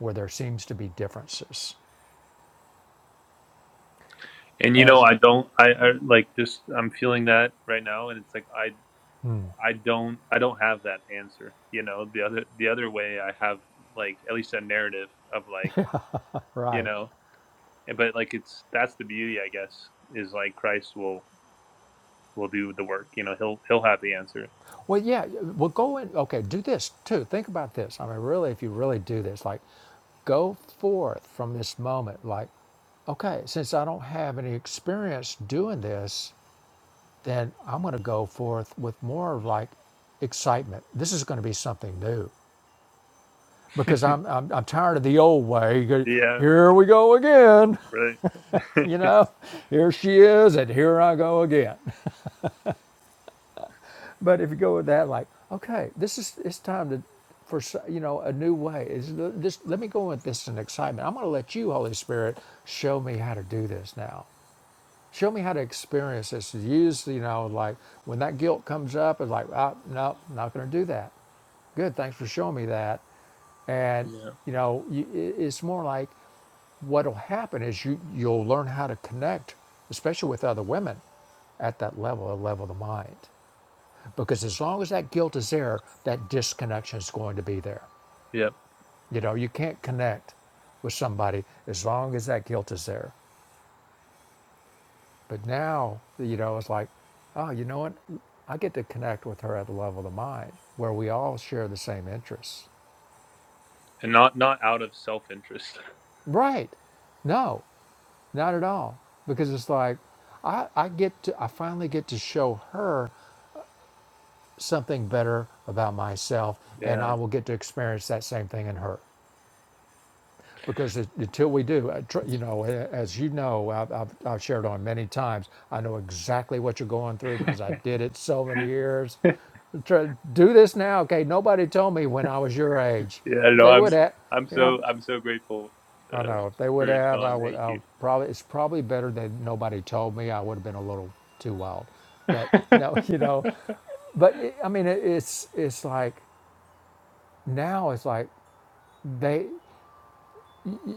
A: where there seems to be differences.
C: And you know,
A: As
C: I don't I, I like just I'm feeling that right now and it's like I I don't I don't have that answer. You know, the other the other way I have like at least a narrative of like, you
A: right.
C: know, and- but like it's that's the beauty I guess is like Christ will will do the work, you know, he'll he'll have the answer.
A: Well, yeah. Well, go and okay. Do this too. Think about this. I mean, really, if you really do this, like, go forth from this moment. Like, okay, since I don't have any experience doing this, then I'm going to go forth with more of like excitement. This is going to be something new because I'm I'm, I'm tired of the old way. You go,
C: yeah,
A: Here we go again.
C: right.
A: You know, here she is, and here I go again. But if you go with that, like, okay, this is it's time to for you know a new way. Is this? Let me go with this in excitement. I'm going to let you, Holy Spirit, show me how to do this now. Show me how to experience this. Use you know like when that guilt comes up, it's like, ah, no, I'm not going to do that. Good, thanks for showing me that. And
C: yeah.
A: you know, you, it's more like what'll happen is you you'll learn how to connect, especially with other women, at that level, a level of the mind because as long as that guilt is there, that disconnection is going to be there.
C: Yep.
A: You know, you can't connect with somebody as long as that guilt is there. But now, you know, it's like, oh, you know what? I get to connect with her at the level of the mind where we all share the same interests.
C: And not not out of self-interest.
A: Right. No, not at all. Because it's like, I, I get to, I finally get to show her something better about myself and I
C: Yeah.
A: will get to experience that same thing in her. because it, until we do, uh, tr- you know, as you know, I've, I've, I've shared on many times, I know exactly what you're going through because I did it so many years. Try, do this now, okay? Nobody told me when I was your age.
C: Yeah, I don't
A: If
C: know.
A: they
C: I'm
A: would have,
C: I'm
A: you know,
C: so I'm so grateful
A: I
C: uh,
A: know if they would
C: for it,
A: have, I
C: Sean.
A: would.
C: Thank
A: I
C: you.
A: would probably it's probably better that nobody told me. I would have been a little too wild, but no, you know, but it, I mean, it, it's it's like now it's like they.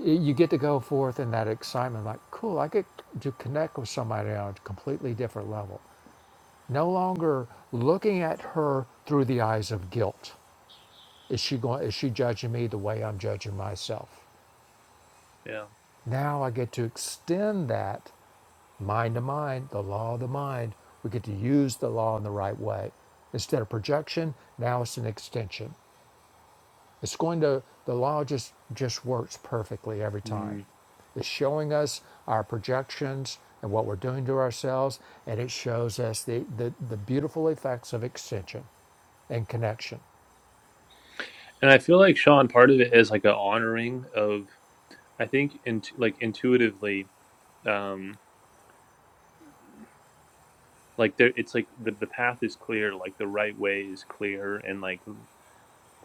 A: you get to go forth in that excitement like cool i get to connect with somebody on a completely different level no longer looking at her through the eyes of guilt is she going is she judging me the way i'm judging myself
C: yeah.
A: now i get to extend that mind to mind the law of the mind we get to use the law in the right way instead of projection now it's an extension It's going to, the law just, just works perfectly every time.
C: Mm.
A: It's showing us our projections and what we're doing to ourselves, and it shows us the, the, the beautiful effects of extension and connection.
C: And I feel like Sean, part of it is like a honoring of I think in like intuitively, um, like there it's like the the path is clear, like the right way is clear, and like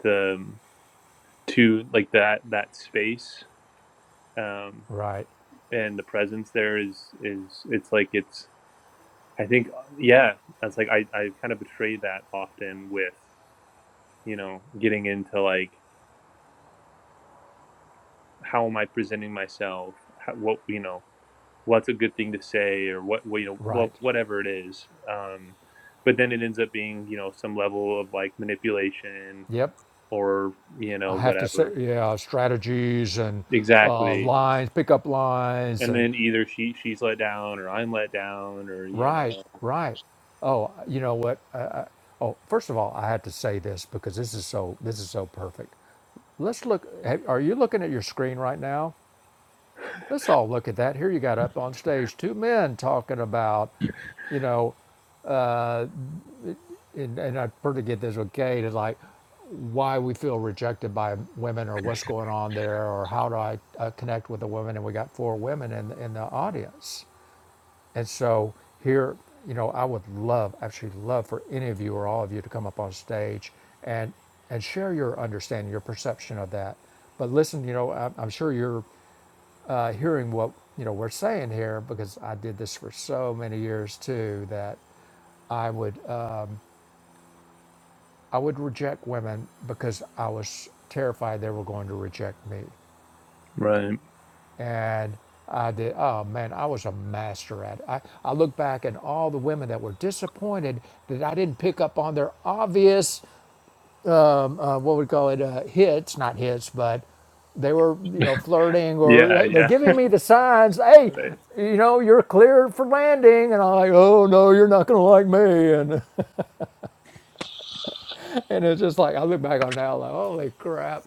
C: the um, to like that that space um,
A: Right,
C: and the presence there is is it's like it's I think yeah, that's like I I kind of betray that often with. you know, getting into like how am I presenting myself? How, what you know, what's a good thing to say or what what, you know wha-
A: right.
C: whatever it is. Um, but then it ends up being you know some level of like manipulation
A: Yep.
C: or you know
A: I have to say,
C: whatever
A: yeah, strategies and uh,
C: exactly.
A: lines, pickup lines,
C: And
A: and
C: then either she she's let down or I'm let down or you know
A: right, right. Oh, you know what? Oh, first of all, I had to say this because this is so this is so perfect. Let's look. ha- Are you looking at your screen right now? Let's all look at that. Here you got up on stage, two men talking about, you know, and, and I pretty get this with Kate, and like why we feel rejected by women or what's going on there or how do I uh, connect with a woman. And we got four women in, in the audience. And so here, you know, I would love, actually love for any of you or all of you to come up on stage and and share your understanding, your perception of that. But listen, you know, I'm, I'm sure you're uh, hearing what you know we're saying here because I did this for so many years too that I would uh, I would reject women because I was terrified they were going to reject me.
C: right
A: And I did, oh man, I was a master at it. I, I look back and all the women that were disappointed that I didn't pick up on their obvious, uh, what we call it, uh, hits, not hits, but they were, you know, flirting or
C: yeah
A: "Hey," they're
C: yeah
A: giving me the signs, hey,
C: right
A: you know, you're cleared for landing. And I'm like, oh no, you're not going to like me. And, and it's just like, I look back on it now, like, holy crap.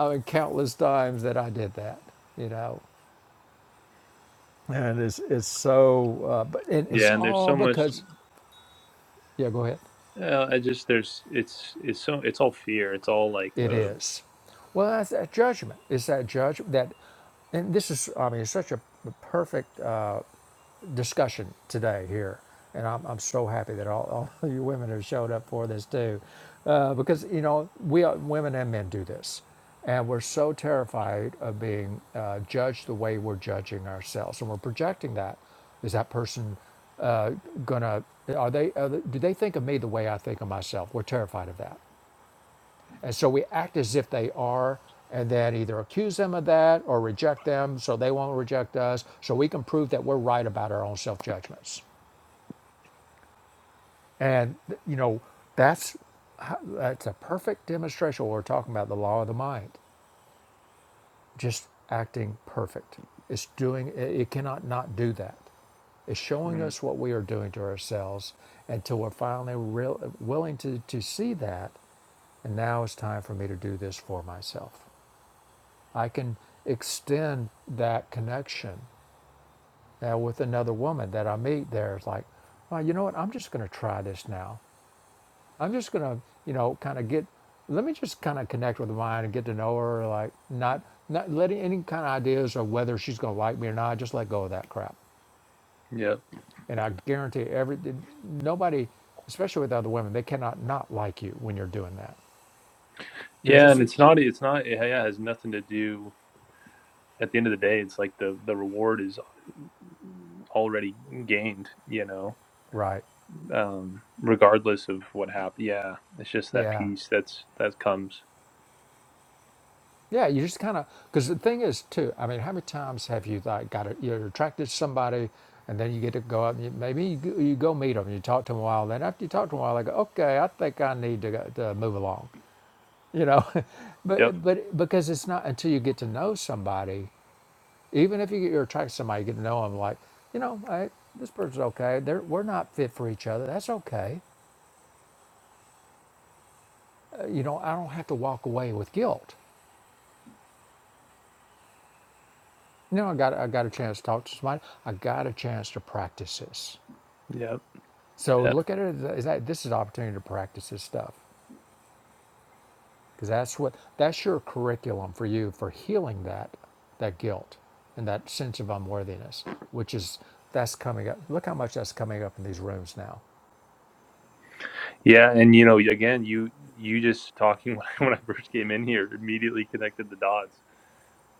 A: I mean, countless times that I did that, you know. and it's it's so. Uh, but it, it's
C: yeah. And there's so
A: all
C: much
A: because. Yeah, go ahead.
C: Yeah, I just there's it's it's so it's all fear. It's all like
A: It
C: uh
A: is. Well, that's that judgment. It's that judgment that, and this is. I mean, it's such a perfect uh, discussion today here. And I'm, I'm so happy that all, all of you women have showed up for this too. Uh, because, you know, we are, women and men do this. And we're so terrified of being uh, judged the way we're judging ourselves. And we're projecting that. Is that person uh, gonna, are they, are they, do they think of me the way I think of myself? We're terrified of that. And so we act as if they are, and then either accuse them of that or reject them so they won't reject us, so we can prove that we're right about our own self judgments. And, you know, that's, that's a perfect demonstration when we're talking about the law of the mind, just acting perfect. It's doing, it cannot not do that. It's showing
C: mm,
A: us what we are doing to ourselves until we're finally real, willing to, to see that. And now it's time for me to do this for myself. I can extend that connection now with another woman that I meet there. It's like, well, you know what? I'm just going to try this now. I'm just going to, you know, kind of get, let me just kind of connect with mine and get to know her. Like, not, not letting any kind of ideas of whether she's going to like me or not, I just let go of that crap.
C: yeah.
A: And I guarantee every, nobody, especially with other women, they cannot not like you when you're doing that. You're
C: Yeah,
A: just,
C: and it's not it's not yeah, yeah, it has nothing to do at the end of the day it's like the the reward is already gained, you know.
A: right.
C: Um regardless of what happened. Yeah, it's just that
A: Yeah.
C: piece that's that comes.
A: Yeah, you just kind of because the thing is too. I mean, how many times have you like got a, you're attracted to somebody, and then you get to go out and you, maybe you, go- you go meet them, you talk to them a while. and Then after you talk to them a while, they go, okay, I think I need to, go- to move along, you know.
C: Yep.
A: but but because it's not until you get to know somebody, even if you get, you're attracted to somebody, you get to know them, like you know, hey, this person's okay. They're, we're not fit for each other. That's okay. Uh, you know, I don't have to walk away with guilt. You know, I got I got a chance to talk to somebody. I got a chance to practice this.
C: Yep.
A: So look at it as that this is an opportunity to practice this stuff because that's what that's your curriculum for you for healing that that guilt and that sense of unworthiness, which is that's coming up. Look how much that's coming up in these rooms now.
C: Yeah, and you know, again, you you just talking when I, when I first came in here immediately connected the dots,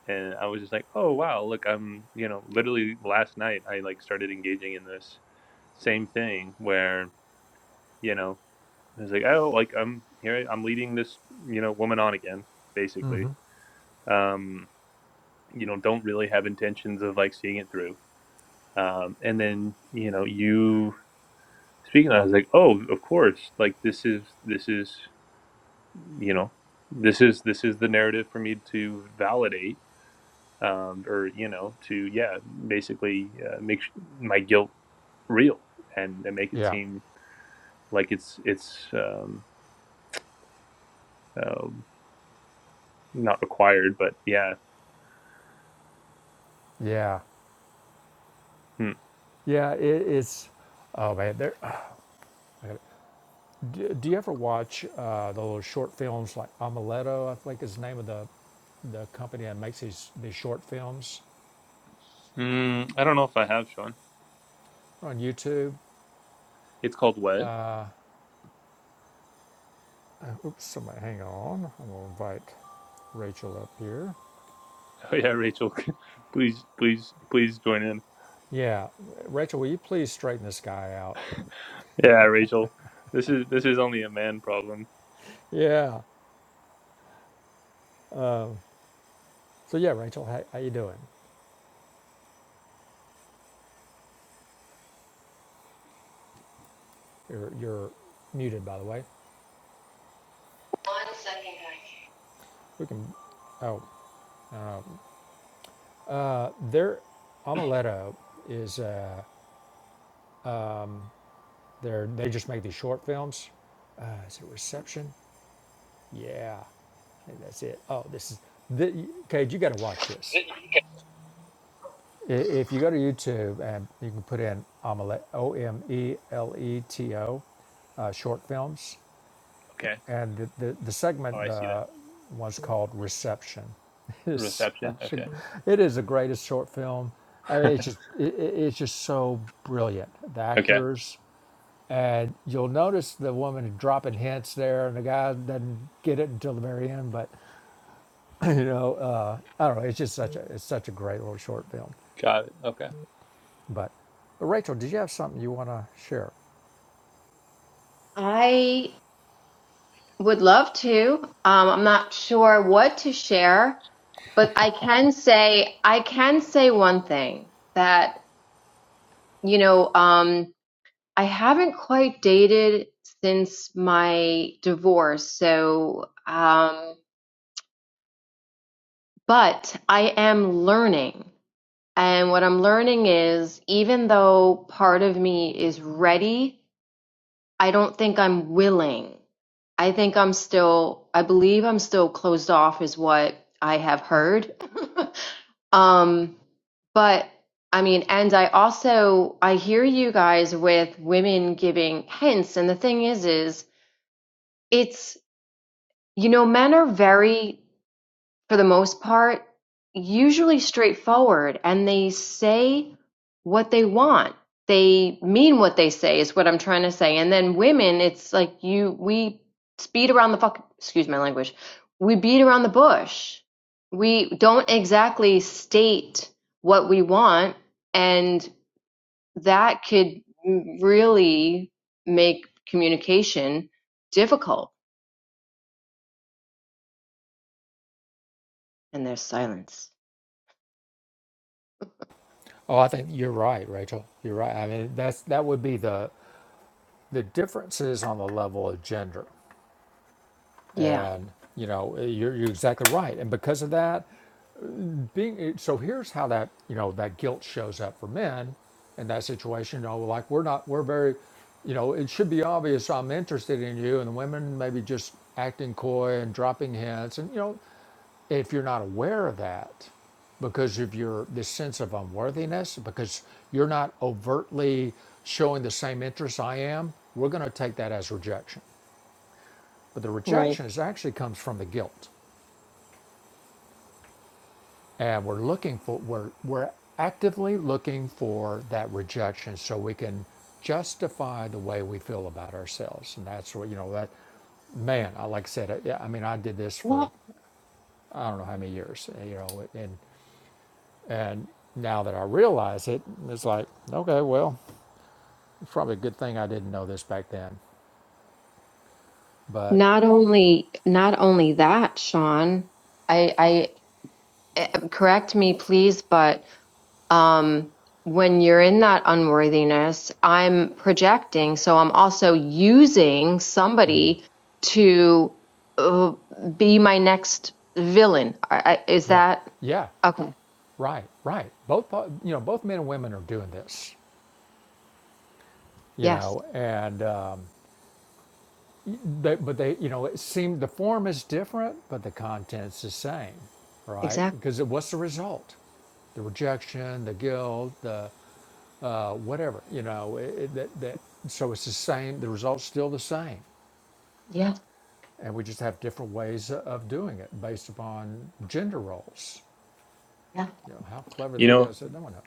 C: and I was just like, oh wow, look, I'm you know, literally last night I like started engaging in this same thing where you know I was like, oh, like I'm here, I- am leading this you know woman on again, basically. Um, you know, don't really have intentions of like seeing it through, um, and then you know you speaking, of that, I was like, oh, of course, like this is this is. you know this is this is the narrative for me to validate um, or you know to yeah basically uh, make sh- my guilt real and, and make it
A: Yeah,
C: seem like it's it's um, uh, not required but yeah
A: yeah,
C: hmm.
A: yeah. It, it's oh man. There, do, do you ever watch uh, the little short films like Amuleto? I think is the name of the the company that makes these these short films
C: mm, i don't know if i have sean
A: on YouTube.
C: it's called what
A: Oops, somebody, hang on. I'm going to invite Rachel up here.
C: oh yeah rachel please please please join in
A: Yeah, Rachel, will you please straighten this guy out?
C: yeah rachel this is this is only a man problem
A: Yeah. So yeah, Rachel, how, how you doing? You're, you're muted, by the way.
D: One second,
A: We can. Oh, uh, their Amuleto is uh, they're they just make these short films. Uh, is it Reception? Yeah, I think that's it. Oh, this is. The, Cade, you got to watch this. If you go to YouTube and you can put in Omelette, O M E L E T O, uh, short films,
C: okay
A: and the, the, the
C: oh
A: segment
C: i see that
A: uh, was called Reception. It's
C: reception
A: such a,
C: okay
A: it is the greatest short film. I mean, it's just it, it- it's just so brilliant. The
C: okay
A: actors, and you'll notice the woman dropping hints there, and the guy doesn't get it until the very end. But you know, uh, I don't know. It's just such a it's such a great little short film.
C: got it okay
A: But Rachel, did you have something you want to share?
D: guys. I would love to. Um, I'm not sure what to share, but I can say I can say one thing that, you know, um, I haven't quite dated since my divorce. So, um, but I am learning. And what I'm learning is even though part of me is ready I don't think I'm willing. I think I'm still, I believe I'm still closed off, is what I have heard. um, but I mean, and I also, I hear you guys with women giving hints. And the thing is, is it's, you know, men are very for the most part, usually straightforward and they say what they want. They mean what they say is what I'm trying to say. And then women, it's like you we speed around the fuck excuse my language. We beat around the bush. We don't exactly state what we want and that could really make communication difficult and there's silence.
A: Oh, I think you're right, Rachel. You're right. I mean, that's that would be the the differences on the level of gender,
D: Yeah.
A: and you know, you're, you're exactly right. And because of that, being so here's how that you know that guilt shows up for men in that situation. You know, like we're not we're very, you know, it should be obvious I'm interested in you, and the women maybe just acting coy and dropping hints, and you know. if you're not aware of that because of your this sense of unworthiness because you're not overtly showing the same interest i am we're going to take that as rejection but the rejection is actually comes from the guilt and we're looking for we're we're actively looking for that rejection so we can justify the way we feel about ourselves and that's what you know that man, I like I said, I, yeah, I mean, I did this for I don't know how many years, you know, and And now that I realize it, it's like, okay, well, it's probably a good thing I didn't know this back then. But
D: Not only not only that, Sean, I I eh, correct me please, but um when you're in that unworthiness, I'm projecting, so I'm also using somebody to uh, be my next villain. I, I, is
A: yeah,
D: that
A: yeah,
D: okay?
A: right, right. Both uh, you know, both men and women are doing this, you
D: Yes,
A: know, and um, they, but they, you know, it seemed the form is different, but the content's the same, right?
D: exactly.
A: Because it, what's the result? the rejection, the guilt, the uh, whatever, you know, it, it, that, that, so it's the same, the result's still the same.
D: Yeah,
A: and we just have different ways of doing it based upon gender roles.
D: yeah.
A: You know, how clever
C: you
A: the
C: know
A: ego said, that no one knows.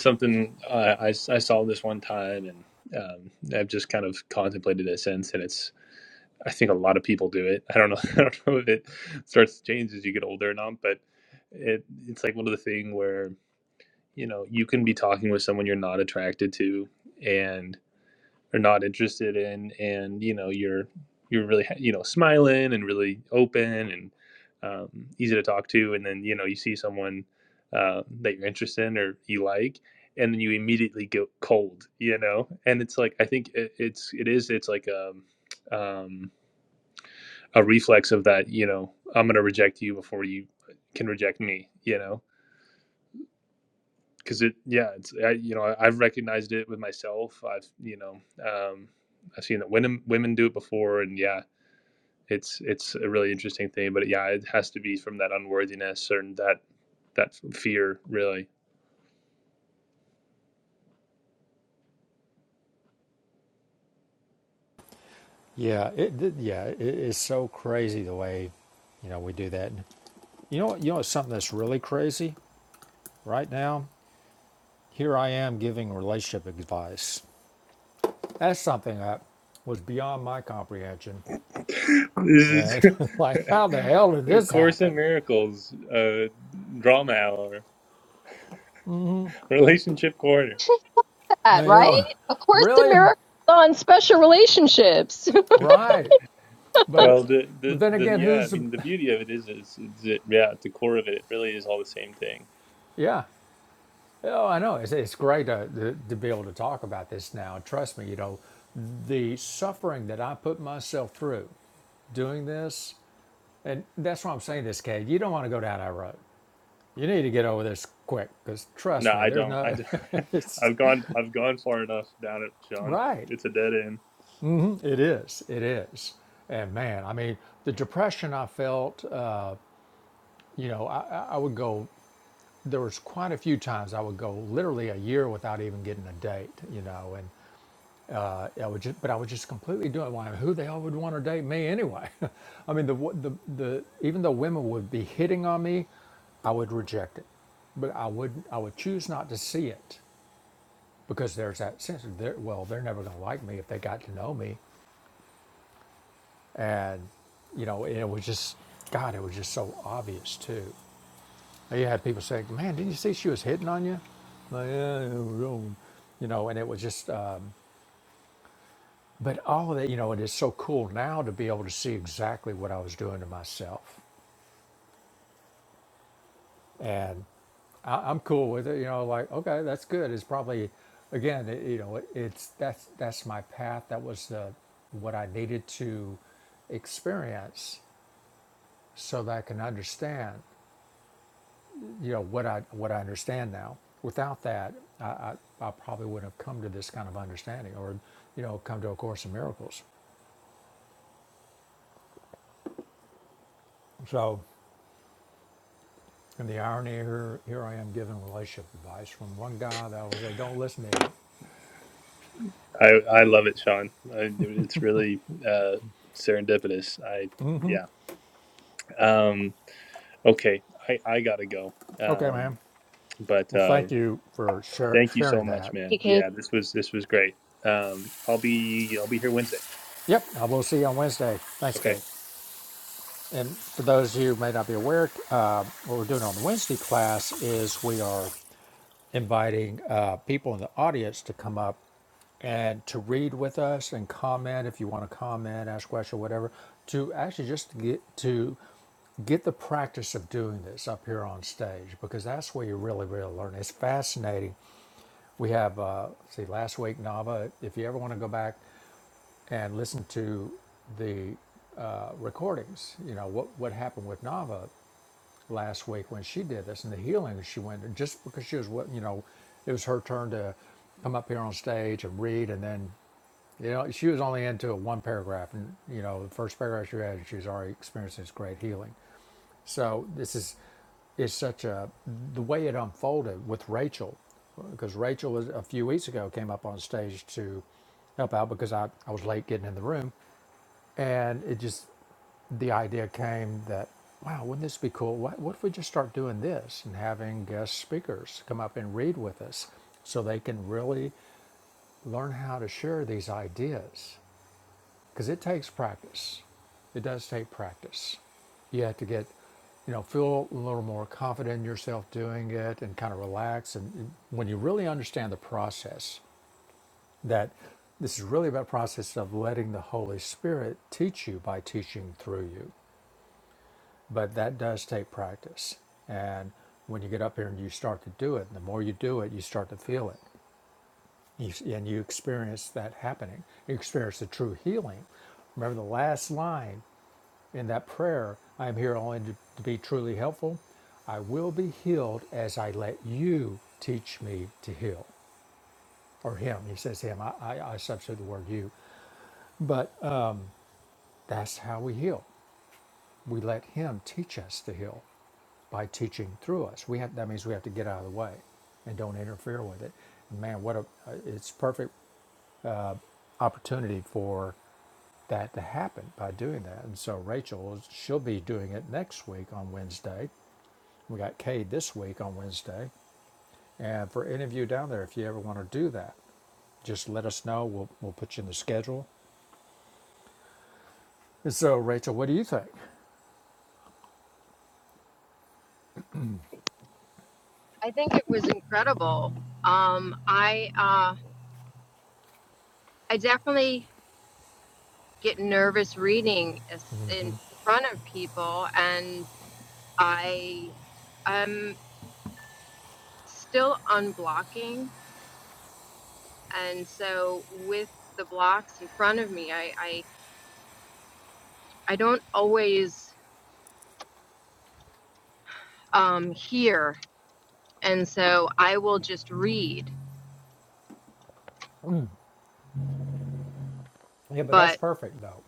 C: something uh, I, I saw this one time and um, I've just kind of contemplated it since and it's I think a lot of people do it. I don't know I don't know if it starts to change as you get older or not, but it it's like one of the thing where you know you can be talking with someone you're not attracted to and are not interested in and you know you're you're really you know smiling and really open and um, easy to talk to and then you know you see someone uh, that you're interested in or you like and then you immediately go cold you know and it's like i think it, it's it is it's like a um, a reflex of that you know i'm going to reject you before you can reject me you know because it yeah it's I, you know I, have recognized it with myself i've you know um i've seen that women women do it before and yeah it's it's a really interesting thing but yeah it has to be from that unworthiness or that that fear really
A: Yeah, it, yeah, it is so crazy the way you know we do that. You know, you know, it's something that's really crazy right now. Here I am giving relationship advice. That's something that was beyond my comprehension.
C: this is
A: And like, how the hell did this
C: course in
A: happen?
C: miracles uh drama hour relationship corner
D: that,
A: Now, you
D: right?
A: know,
D: Of course, the
A: really?
D: miracle on special relationships.
A: Right. But, uh,
C: well the
A: but
C: the
A: then
C: the
A: again,
C: yeah i
A: who's the,
C: mean the beauty of it is is, is it yeah at the core of it, it really is all the same thing
A: yeah, Oh, I know. It's, it's great to, to, to be able to talk about this now. Trust me, you know, the suffering that I put myself through doing this, and that's why I'm saying this, Kate. You don't want to go down that road. You need to get over this quick because
C: No,
A: trust me,
C: I
A: there's
C: don't. I
A: no,
C: don't.
A: it's
C: I've gone. I've gone far enough down it, Sean.
A: right.
C: It's a dead end.
A: It is. It is. And man, I mean, the depression I felt, uh, you know, I, I I would go, there was quite a few times I would go literally a year without even getting a date, you know, and I, I would just, but I was just completely doing. Why? Who the hell would want to date me anyway? I mean, the the the even though women would be hitting on me, I would reject it, but I would I would choose not to see it because there's that sense of they're, well, they're never going to like me if they got to know me, and you know, and it was just God, it was just so obvious too. You had people saying, "Man, didn't you see she was hitting on you?" Like, yeah, it was wrong." you know, and it was just. Uh, But all of that, you know, it is so cool now to be able to see exactly what I was doing to myself. And I, I'm cool with it, you know, like, okay, that's good. It's probably, again, it, you know, it, it's that's that's my path. That was the what I needed to experience so that I can understand, you know, what I what I understand now. Without that, I, I, I probably wouldn't have come to this kind of understanding or, you know, come to A Course in Miracles. So And the irony here, here I am giving relationship advice from one guy that will say, don't listen to him.
C: I I love it, Sean. I, it's really uh, serendipitous. I yeah. Um, okay, I I gotta go.
A: Okay,
C: Um,
A: ma'am.
C: but
A: Well,
C: uh,
A: thank you for shar-
C: thank you so
A: sharing
C: much,
A: that.
C: man. Yeah, this was this was great. Um, I'll be I'll be here Wednesday.
A: Yep, I will see you on Wednesday. Thanks,
C: Okay.
A: Kate. And for those of you who may not be aware, uh, what we're doing on the Wednesday class is we are inviting uh, people in the audience to come up and to read with us and comment if you want to comment, ask question, whatever. To actually just get to get the practice of doing this up here on stage because that's where you really really learn. It's fascinating. We have uh, see last week Nava. If you ever want to go back and listen to the uh, recordings, you know what what happened with Nava last week when she did this and the healing she went through, just because she was what you know, it was her turn to come up here on stage and read and then you know, she was only into one paragraph, and you know, the first paragraph she read, she was already experiencing this great healing. So this is, is such a the way it unfolded with Rachel, because Rachel was a few weeks ago came up on stage to help out because I, I was late getting in the room, and it just the idea came that wow wouldn't this be cool what, what if we just start doing this and having guest speakers come up and read with us so they can really learn how to share these ideas because it takes practice it does take practice you have to get you know feel a little more confident in yourself doing it and kind of relax and when you really understand the process that this is really about process of letting the holy spirit teach you by teaching through you but that does take practice and when you get up here and you start to do it the more you do it you start to feel it you, and you experience that happening you experience the true healing remember the last line in that prayer i am here only to, to be truly helpful i will be healed as i let you teach me to heal or him he says him i, I, I substitute the word you but That's how we heal. We let Him teach us to heal by teaching through us. We have, that means we have to get out of the way and don't interfere with it. And man, what a uh, it's perfect opportunity for that to happen by doing that. And so Rachel, she'll be doing it next week on Wednesday. We got Cade this week on Wednesday. And for any of you down there, if you ever want to do that, just let us know. We'll we'll put you in the schedule. And so Rachel, what do you think?
D: I think it was incredible. Um, I uh, I definitely get nervous reading is- in front of people, and I am still unblocking, and so with the blocks in front of me, I I, I don't always um, hear, and so I will just read.
A: Yeah, but that's
D: But
A: perfect though.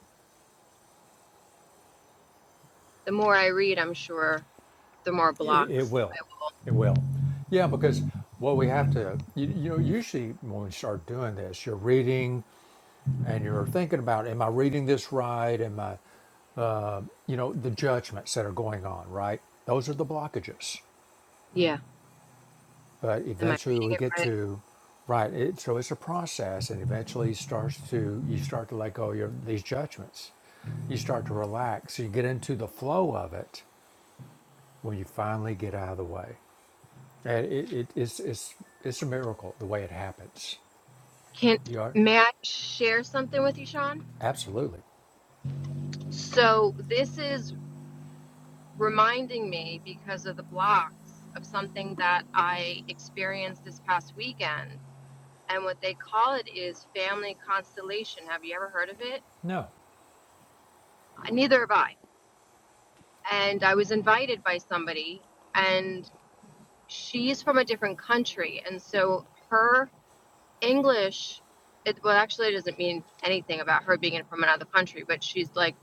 D: the more I read, I'm sure the more
A: It, it
D: blocks.
A: will. It will. Yeah, because what we have to, you, you know, usually when we start doing this, you're reading and you're thinking about, am I reading this right? Am I, you know, the judgments that are going on, right? Those are the blockages.
D: Yeah,
A: But
D: am I
A: eventually
D: reading
A: we
D: it
A: get to, right? It, so it's a process, and eventually starts to you start to let go of your, these judgments. You start to relax. You get into the flow of it when you finally get out of the way. And it, it, it's, it's, it's a miracle the way it happens.
D: Can
A: You are
D: may I share something with you, Sean?
A: absolutely
D: So this is reminding me because of the blocks of something that I experienced this past weekend. And what they call it is family constellation. Have you ever heard of it?
A: no,
D: Neither have I. And I was invited by somebody, and she's from a different country. And so her English, it, well, actually, it doesn't mean anything about her being from another country, but she's like,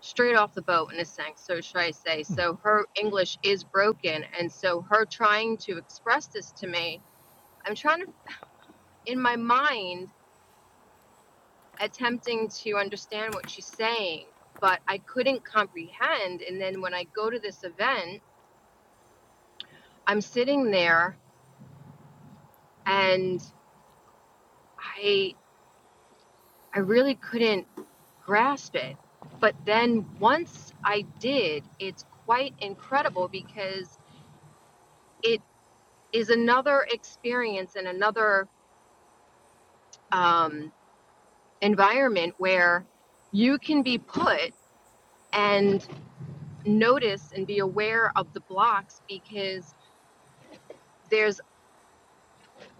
D: straight off the boat in a sense, so should I say. So her English is broken. And so her trying to express this to me, I'm trying to, in my mind, attempting to understand what she's saying, but I couldn't comprehend. And then when I go to this event, I'm sitting there and I I really couldn't grasp it. But then once I did, it's quite incredible because it is another experience and another um, environment where you can be put and notice and be aware of the blocks because there's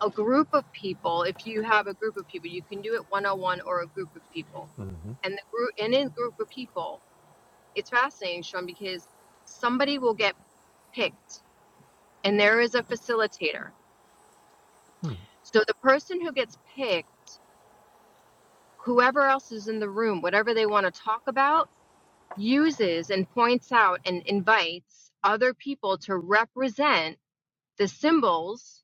D: a group of people if you have a group of people you can do it one-on-one or a group of people and the group and in a group of people it's fascinating sean because somebody will get picked and there is a facilitator so the person who gets picked whoever else is in the room whatever they want to talk about uses and points out and invites other people to represent the symbols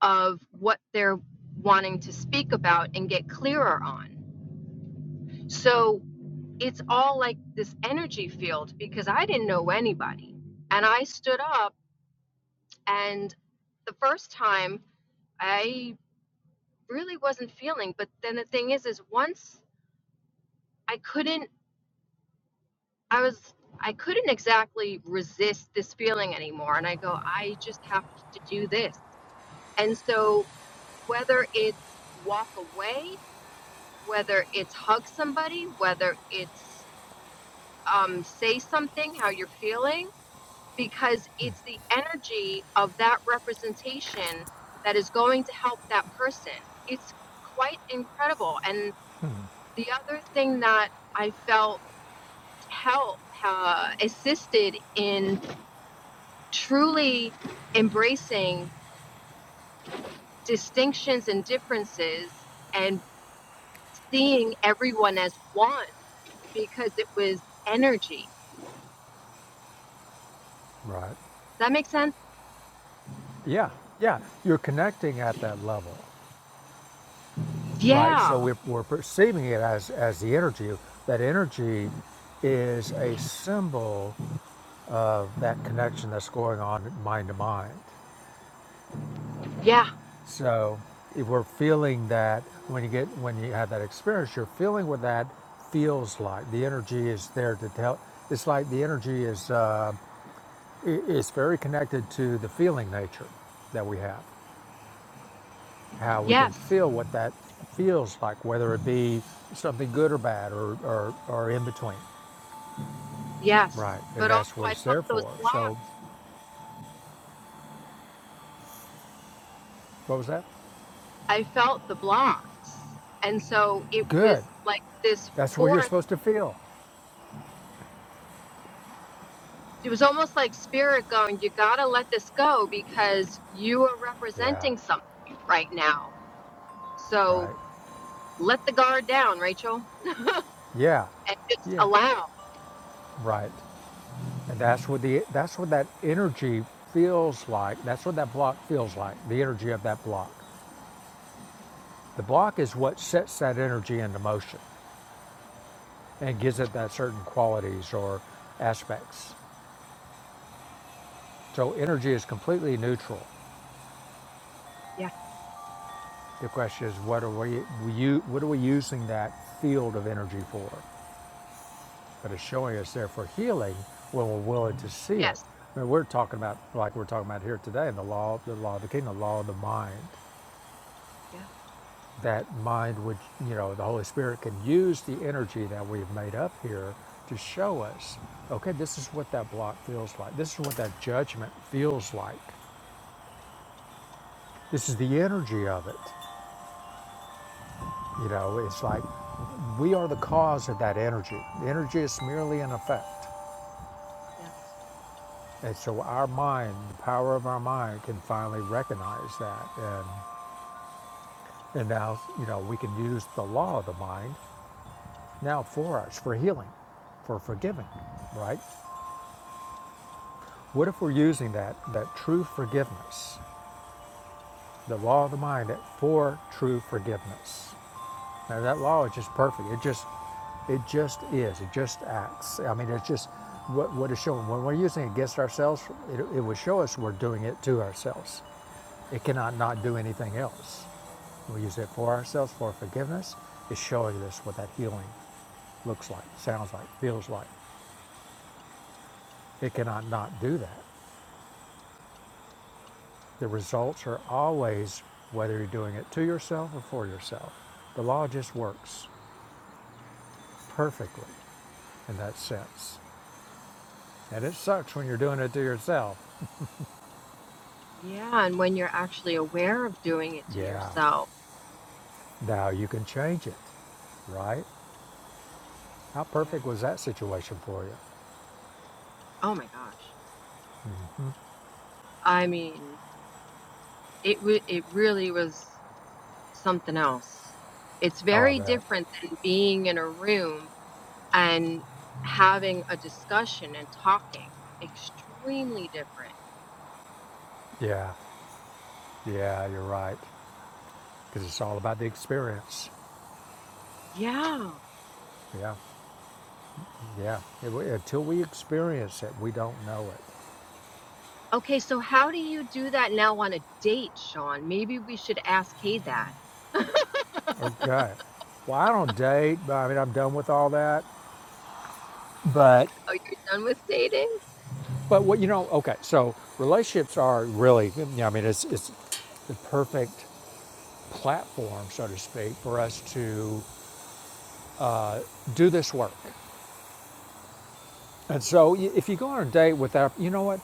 D: of what they're wanting to speak about and get clearer on. So it's all like this energy field because I didn't know anybody. And I stood up, and the first time I really wasn't feeling, but then the thing is, is once I couldn't I was I couldn't exactly resist this feeling anymore and I go I just have to do this. And so whether it's walk away, whether it's hug somebody, whether it's um, say something how you're feeling because it's the energy of that representation that is going to help that person. It's quite incredible. And the other thing that I felt help uh, assisted in truly embracing distinctions and differences and seeing everyone as one because it was energy.
A: right?
D: Does that make sense?
A: Yeah, yeah. You're connecting at that level, right?
D: Yeah.
A: So we're, we're perceiving it as as the energy. That energy is a symbol of that connection that's going on mind to mind.
D: Yeah.
A: So if we're feeling that when you get when you have that experience, you're feeling what that feels like. The energy is there to tell. It's like the energy is. Uh, i- it's very connected to the feeling nature that we have, how we can
D: Yes.
A: feel what that feels like, whether it be something good or bad or, or, or in between.
D: Yes.
A: Right. And
D: But also
A: that's what
D: I
A: it's
D: felt
A: there
D: those
A: for. So,
D: blocks.
A: what was that?
D: I felt the blocks. And so it
A: Good.
D: was like this
A: That's what you're
D: force.
A: supposed to feel.
D: It was almost like spirit going, you got to let this go because you are
A: Yeah.
D: representing something right now. So
A: Right.
D: let the guard down, Rachel.
A: Yeah.
D: and just
A: Yeah.
D: allow.
A: Right. And that's what the that's what that energy feels like. That's what that block feels like. The energy of that block. The block is what sets that energy into motion. and gives it that certain qualities or aspects. So energy is completely neutral.
D: Yeah.
A: The question is, what are we, we what are we using that field of energy for? But it's showing us there for healing when we're willing to see it.
D: Yes.
A: I mean, we're talking about like we're talking about here today in the law, the law of the kingdom, the law of the mind.
D: Yeah,
A: That mind, which you know, the Holy Spirit can use the energy that we've made up here to show us, okay, this is what that block feels like. This is what that judgment feels like This is the energy of it. You know, it's like we are the cause of that energy. The energy is merely an effect.
D: yes.
A: And so our mind, the power of our mind, can finally recognize that. And, and now, you know, we can use the law of the mind now for us, for healing, for forgiving, right? What if we're using that, that true forgiveness, the law of the mind, for true forgiveness? Now, that law is just perfect. It just, it just is. It just acts. I mean, it's just what what is showing. When we're using it against ourselves, it, it will show us we're doing it to ourselves. It cannot not do anything else. We use it for ourselves for forgiveness. It's showing us what that healing looks like,
D: Yeah.
A: sounds like, feels like. It cannot not do that. The results are always whether you're doing it to yourself or for yourself. The law just works perfectly in that sense. And it sucks when you're doing it to yourself.
D: Yeah. And when you're actually aware of doing it to
A: Yeah,
D: yourself,
A: now you can change it, right? How
D: yeah.
A: perfect was that situation for you?
D: Oh my gosh.
A: Mm-hmm.
D: I mean, it w- it really was something else. It's
A: Oh, I
D: very
A: bet.
D: different than being in a room and having a discussion and talking. Extremely different.
A: Yeah, yeah, you're right. Because it's all about the experience.
D: Yeah.
A: Yeah, yeah. It- until we experience it, we don't know it.
D: Okay, so how do you do that now on a date, Sean? Maybe we should ask Kay that.
A: Okay. Well, I don't date, but I mean, I'm done with all that. But,
D: Oh, you are done with dating?
A: but what you know? Okay, so relationships are really. Yeah, I mean, it's it's the perfect platform, so to speak, for us to do this work. And so if you go on a date without, you know what,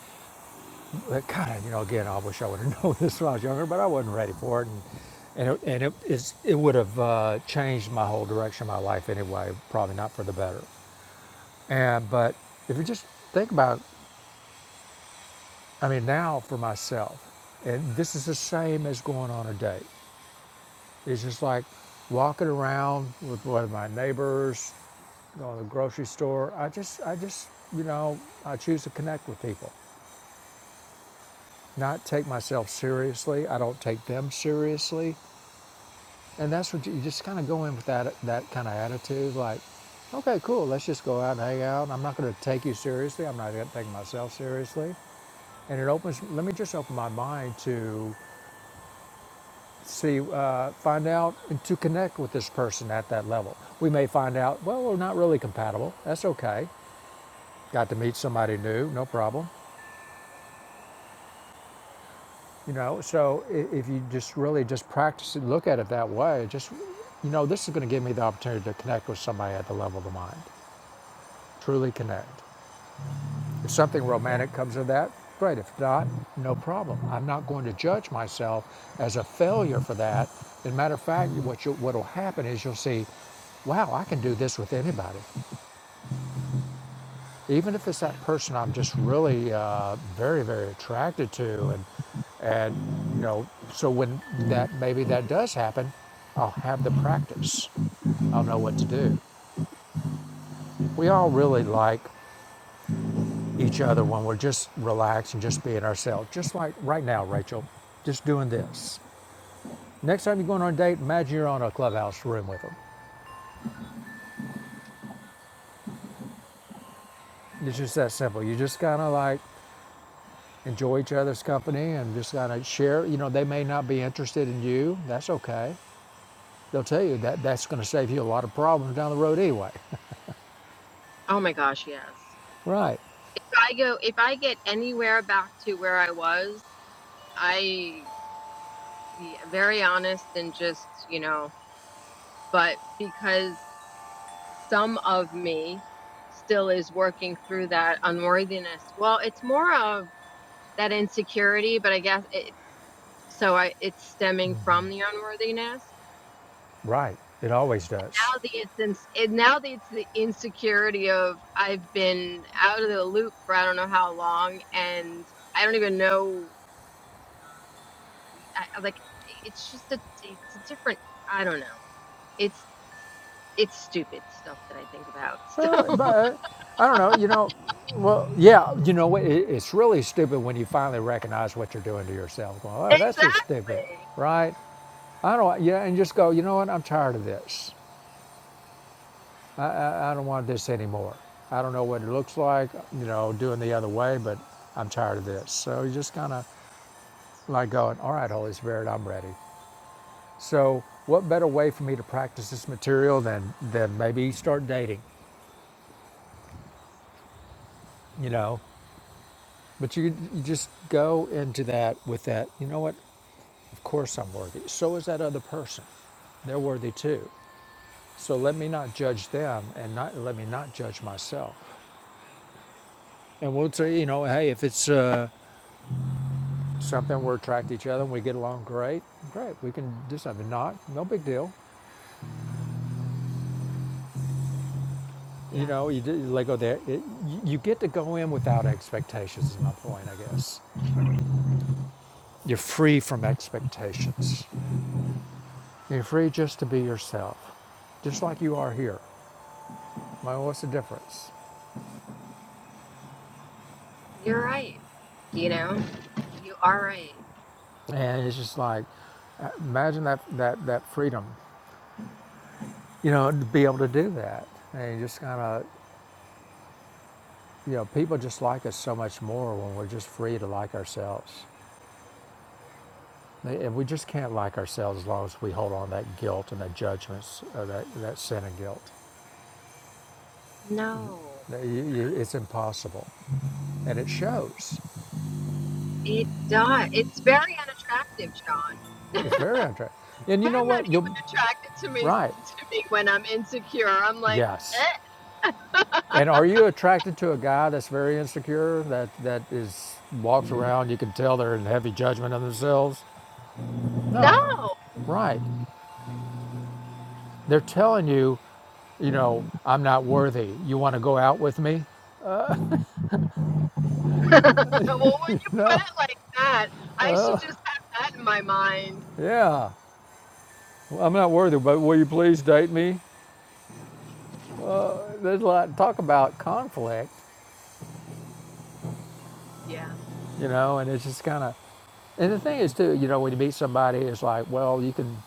A: kind of, you know, again, I wish I would have known this when I was younger, but I wasn't ready for it. And, and it, and it, is, it would have uh, changed my whole direction of my life anyway, probably not for the better. And, but if you just think about, I mean, now for myself, and this is the same as going on a date. It's just like walking around with one of my neighbors, going to the grocery store. I just, I just, you know, I choose to connect with people, not take myself seriously. I don't take them seriously, and that's what you, you just kind of go in with that that kind of attitude, like, okay, cool, let's just go out and hang out. I'm not going to take you seriously. I'm not going to take myself seriously, and it opens. Let me just open my mind to see, uh, find out and to connect with this person at that level. We may find out, well, we're not really compatible. That's okay. Got to meet somebody new, no problem. You know, so if you just really just practice it, look at it that way, just, you know, this is going to give me the opportunity to connect with somebody at the level of the mind, truly connect. If something romantic comes of that, great. If not, no problem. I'm not going to judge myself as a failure for that. As a matter of fact, what you, what'll happen is you'll see, wow, I can do this with anybody, even if it's
D: Yeah.
A: that person I'm just really uh, very, very attracted to, and and you know, so when that maybe that does happen, I'll have the practice. I'll know what to do. We all really like. each other when we're just relaxed and just being ourselves. Just like right now, Rachel, just doing this. Next time you're going on a date, imagine you're on a clubhouse room with them. It's just that simple. You just kind of like enjoy each other's company and just kind of share. You know, they may not be interested in you. That's okay. They'll tell you that that's going to save you a lot of problems down the road anyway.
D: Oh my gosh, yes.
A: right.
D: If I go, if I get anywhere back to where I was, I be very honest and just, you know, but because some of me still is working through that unworthiness. Well, it's more of that insecurity, but I guess it, so I, it's stemming from the unworthiness.
A: Right. It always does.
D: Now the it's ins- it, now the, it's the insecurity of I've been out of the loop for I don't know how long and I don't even know I, I- like it's just a it's a different I don't know. It's it's stupid stuff that I think about.
A: Well, but I don't know. You know, well, yeah. You know what? It, it's really stupid when you finally recognize what you're doing to yourself. Going,
D: So
A: oh, that's just stupid,
D: exactly.
A: right? I don't. Yeah, and just go. You know what? I'm tired of this. I, I, I don't want this anymore. I don't know what it looks like. You know, doing the other way, but I'm tired of this. So you just kind of like going, all right, Holy Spirit, I'm ready. So what better way for me to practice this material than than maybe start dating? You know. But you,
D: Yeah.
A: you just go into that with that, you know what? Of course I'm worthy. So is that other person. They're worthy too. So let me not judge them and not let me not judge myself. And we'll say, you know, hey, if it's uh, something we're attracted to each other and we get along great, great. We can do something. Not, no big deal. You
D: Yes.
A: know, you, did- you let go there. It, you you get to go in without expectations, is my point, I guess. You're free from expectations. You're free just to be yourself, just like you are here. Well, what's the difference?
D: You're right. You know, you are right.
A: And it's just like, uh, imagine that, that, that freedom, you know, to be able to do that. And you just kind of, you know, people just like us so much more when we're just free to like ourselves. And we just can't like ourselves as long as we hold on to that guilt and that judgments, or that, that sin and guilt.
D: No. And
A: It's impossible. And it shows.
D: it does. It's very unattractive, Sean.
A: It's very untrue. And you know
D: I'm not
A: what? You'll,
D: even attracted to me
A: right.
D: to me when I'm insecure. I'm like,
A: Yes.
D: eh,
A: And are you attracted to a guy that's very insecure, that that is walks around, you can tell they're in heavy judgment of themselves? No.
D: no.
A: Right. They're telling you, you know, I'm not worthy. You want to go out with me?
D: well, when you put
A: No.
D: it like that, I should just have that in my mind.
A: Yeah. Well, I'm not worthy, but will you please date me? There's a lot talk about conflict,
D: yeah.
A: you know, and it's just kind of and the thing is too, you know, when you meet somebody, it's like, well, you can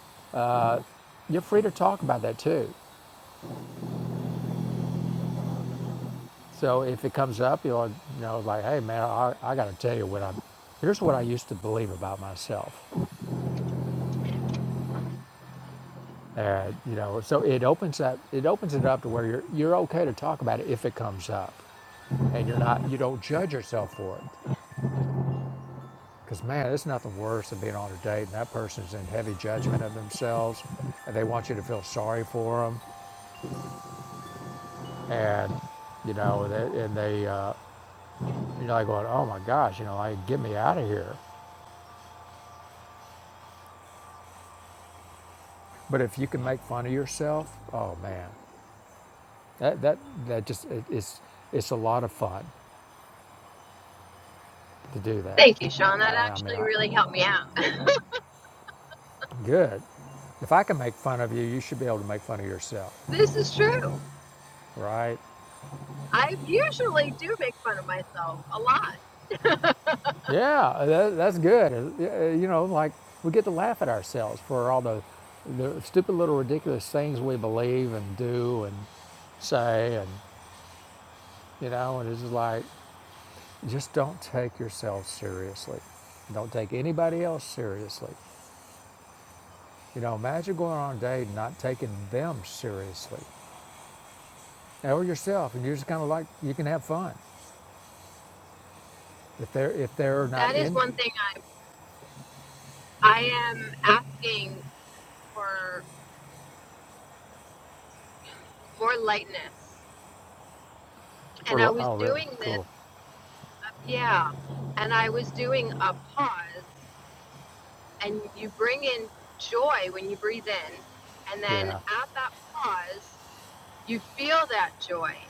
A: you're free to talk about that too. So if it comes up, you'll you know like, hey man, I, I got to tell you what I, am here's what I used to believe about myself. Uh, you know, so it opens up, it opens it up to where you're you're okay to talk about it if it comes up, and you're not you don't judge yourself for it. Because man, it's nothing worse than being on a date and that person's in heavy judgment of themselves, and they want you to feel sorry for them, and you know, they, and they uh, you're like going, oh my gosh, you know, like get me out of here. But if you can make fun of yourself, oh man, That that that just it, it's it's a lot of fun to do that.
D: Thank you, Sean.
A: I,
D: That
A: I mean,
D: actually
A: I,
D: really helped me out.
A: good. If I can make fun of you, you should be able to make fun of yourself,
D: this is true.
A: right?
D: I usually do make fun of myself a lot.
A: Yeah, that, that's good. Uh, uh, You know, like we get to laugh at ourselves for all the the stupid little ridiculous things we believe and do and say, and you know, and it's just like just don't take yourself seriously. Don't take anybody else seriously. You know, imagine going on a date and not taking them seriously, or yourself, and you're just kind of like you can have fun. If they're if they're not
D: That is
A: in,
D: one thing I am asking for more lightness. And
A: for
D: I was
A: oh really
D: doing this,
A: cool,
D: yeah, and I was doing a pause, and you bring in joy when you breathe in. And then
A: yeah,
D: at that pause, you feel that joy.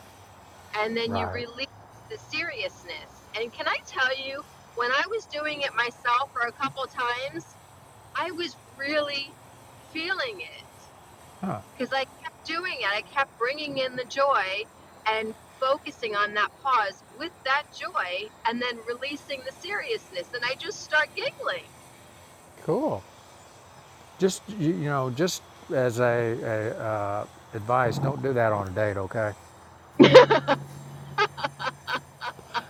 D: and then you
A: right,
D: release the seriousness. And can I tell you, when I was doing it myself for a couple times, I was really feeling it
A: huh,
D: because I kept doing it. I kept bringing in the joy and focusing on that pause with that joy and then releasing the seriousness. And I just start giggling.
A: cool. Just you, you know, just as a, a uh, advice, don't do that on a date, okay?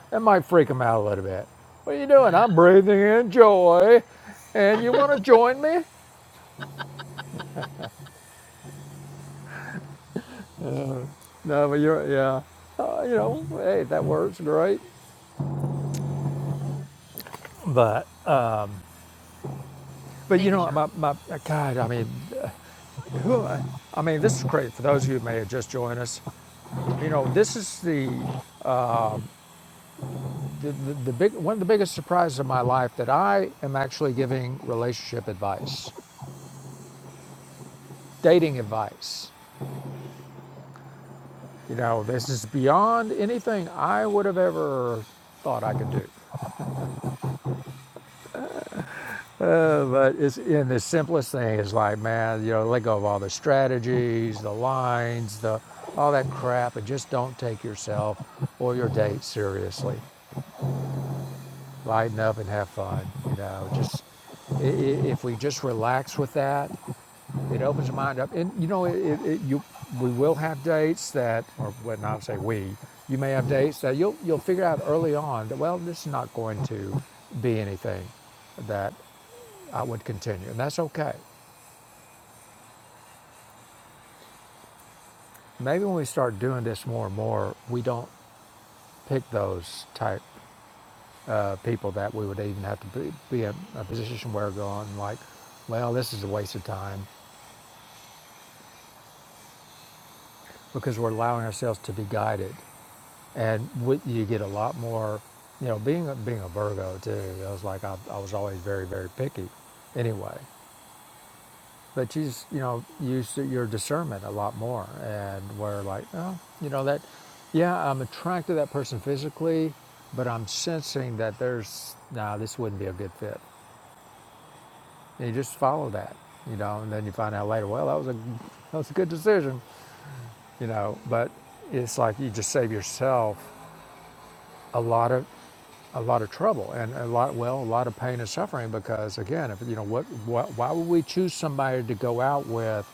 A: That might freak them out a little bit. What are you doing? I'm breathing in joy, and you want to join me? No, but you're yeah, uh, you know, hey, that works great, but. But you
D: Thank you,
A: know,
D: Sean.
A: my, my God, I mean, who? I mean, this is crazy for those of you who may have just joined us. You know, this is the the, the, the big one of the biggest surprises of my life that I am actually giving relationship advice, dating advice. You know, this is beyond anything I would have ever thought I could do. Uh, but it's in the simplest thing is like, man, you know, let go of all the strategies, the lines, the all that crap, and just don't take yourself or your date seriously. lighten up and have fun. You know, just i- i- if we just relax with that, it opens the mind up. And you know, it, it, it- you we will have dates that, or well, not say we, you may have dates that you'll you'll figure out early on that well, this is not going to be anything that I would continue, and that's okay. Maybe when we start doing this more and more, we don't pick those type uh, people that we would even have to be, be in a position where we're going like, well, this is a waste of time. because we're allowing ourselves to be guided. And you get a lot more, you know, being a, being a Virgo too, I was like, I, I was always very, very picky anyway. But you, just, you know, use your discernment a lot more. And we're like, oh, you know, that, yeah, I'm attracted to that person physically, but I'm sensing that there's, nah, this wouldn't be a good fit. And you just follow that, you know, and then you find out later, well, that was a, that was a good decision, you know, but it's like you just save yourself a lot of a lot of trouble and a lot well a lot of pain and suffering because again if you know what, what why would we choose somebody to go out with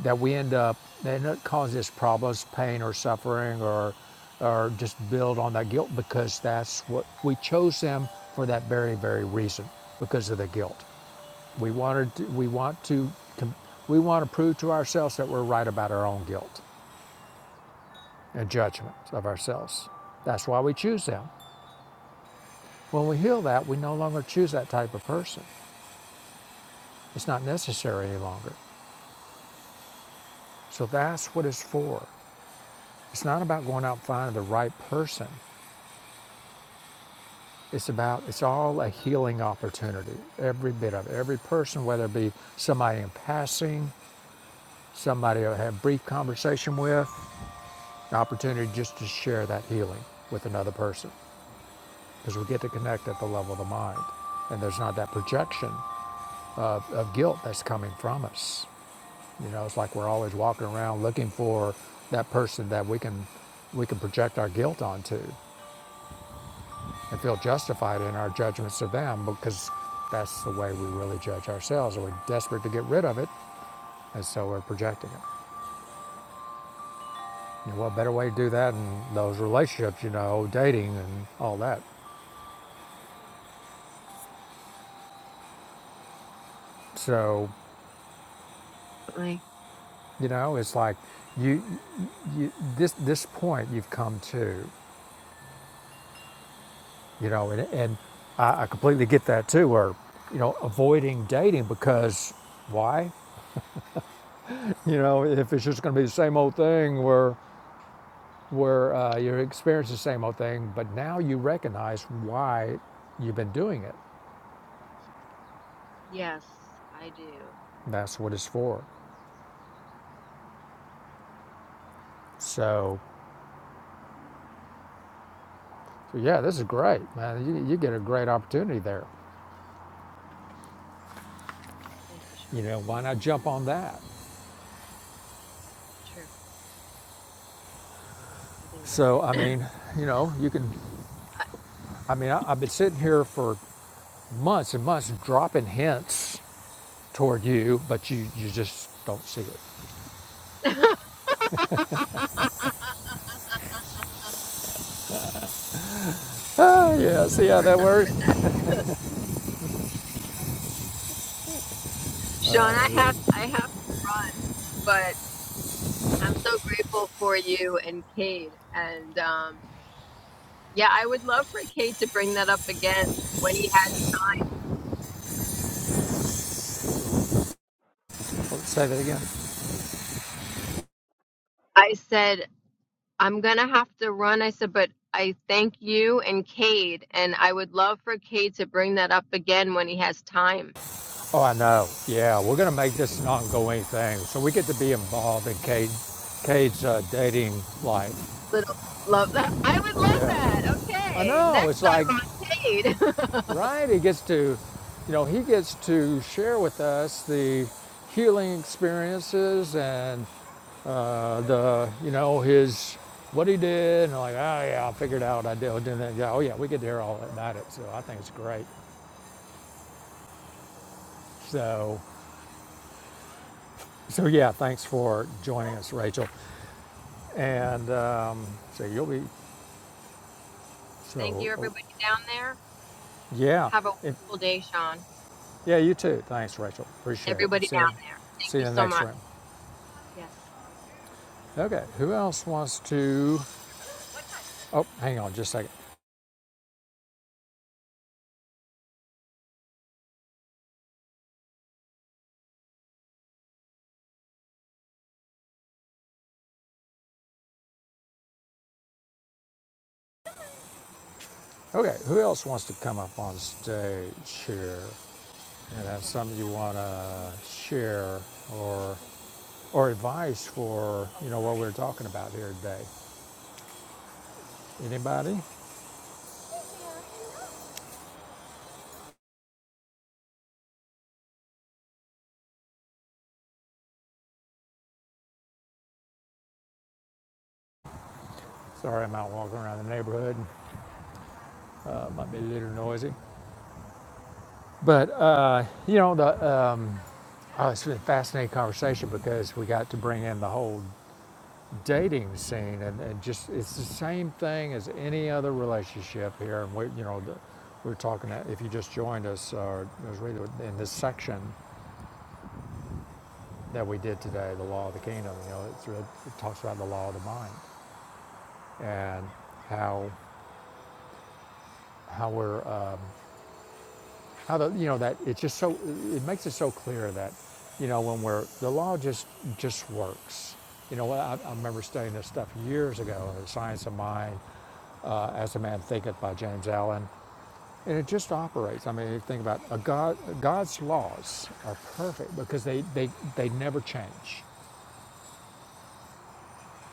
A: that we end up that end up causes us problems pain or suffering or or just build on that guilt because that's what we chose them for that very very reason because of the guilt we wanted to, we want to com- we want to prove to ourselves that we're right about our own guilt and judgment of ourselves that's why we choose them When we heal that, we no longer choose that type of person. It's not necessary any longer. So that's what it's for. It's not about going out and finding the right person. It's about, it's all a healing opportunity, every bit of it. Every person, whether it be somebody in passing, somebody I had a brief conversation with, an opportunity just to share that healing with another person. Because we get to connect at the level of the mind. And there's not that projection of, of guilt that's coming from us. You know, it's like we're always walking around looking for that person that we can we can project our guilt onto and feel justified in our judgments of them because that's the way we really judge ourselves. We're desperate to get rid of it, and so we're projecting it. You know, what better way to do that than those relationships, you know, dating and all that. So,
D: Like,
A: you know, it's like you, you this this point you've come to you know, and, and I, I completely get that too, or, you know, avoiding dating because why? You know, if it's just going to be the same old thing where, where uh, you're experiencing the same old thing, but now you recognize why you've been doing it.
D: yes, I do.
A: That's what it's for. So, so yeah, this is great, man. You, you get a great opportunity there.
D: Thank you,
A: You
D: Sean.
A: know, why not jump on that?
D: True. I'll think about
A: So, I
D: it.
A: mean, you know, you can, I mean, I, I've been sitting here for months and months dropping hints toward you, but you, you just don't see it.
D: Not
A: Ah, yeah, see
D: the
A: how
D: first
A: that
D: time.
A: works?
D: Sean, I have I have to run, but I'm so grateful for you and Cade. And um, yeah, I would love for Cade to bring that up again when he
A: Let's say that again.
D: had. I said, I'm going to have to run. I said, but I thank you and Cade. And I would love for Cade to bring that up again when he has time.
A: Oh, I know. Yeah, we're going to make this an ongoing thing. So we get to be involved in Cade, Cade's uh, dating life.
D: Little love that. I would love that.
A: Yeah. I
D: Okay.
A: know.
D: Next
A: It's
D: time
A: like
D: on Cade.
A: Right, he gets to, you know, he gets to share with us the healing experiences and uh, the, you know, his what he did, and like, oh yeah, I figured out I did, I did that. Yeah, oh yeah, we could hear all about it. So I think it's great. So, so yeah, thanks for joining us, Rachel. And um, so you'll be,
D: thank
A: so
D: you,
A: oh,
D: everybody down there.
A: yeah,
D: Have a
A: if,
D: wonderful day, Sean. And
A: yeah, you too. Thanks, Rachel. Appreciate it.
D: everybody
A: See
D: down
A: you,
D: there. Thank
A: see you
D: you
A: in the
D: so
A: next
D: much.
A: room.
D: Yes.
A: Okay, who else wants to? Oh, hang on just a second. Okay, who else wants to come up on stage here and have something you want to share or or advice for, you know, what we're talking about here today? Anybody? Sorry, I'm out walking around the neighborhood. Uh, might be a little noisy. But, uh, you know, the, um, oh, it's been a fascinating conversation because we got to bring in the whole dating scene, and, and just it's the same thing as any other relationship here. And we, you know, the, we are talking that if you just joined us, or it was really in this section that we did today, the law of the kingdom. You know, it's really, it talks about the law of the mind and how how we're. Um, how the you know that it's just so it makes it so clear that you know when we're the law just just works you know I, I remember studying this stuff years ago the science of mind uh, as a man thinketh by james allen and it just operates i mean you think about a god god's laws are perfect because they they, they never change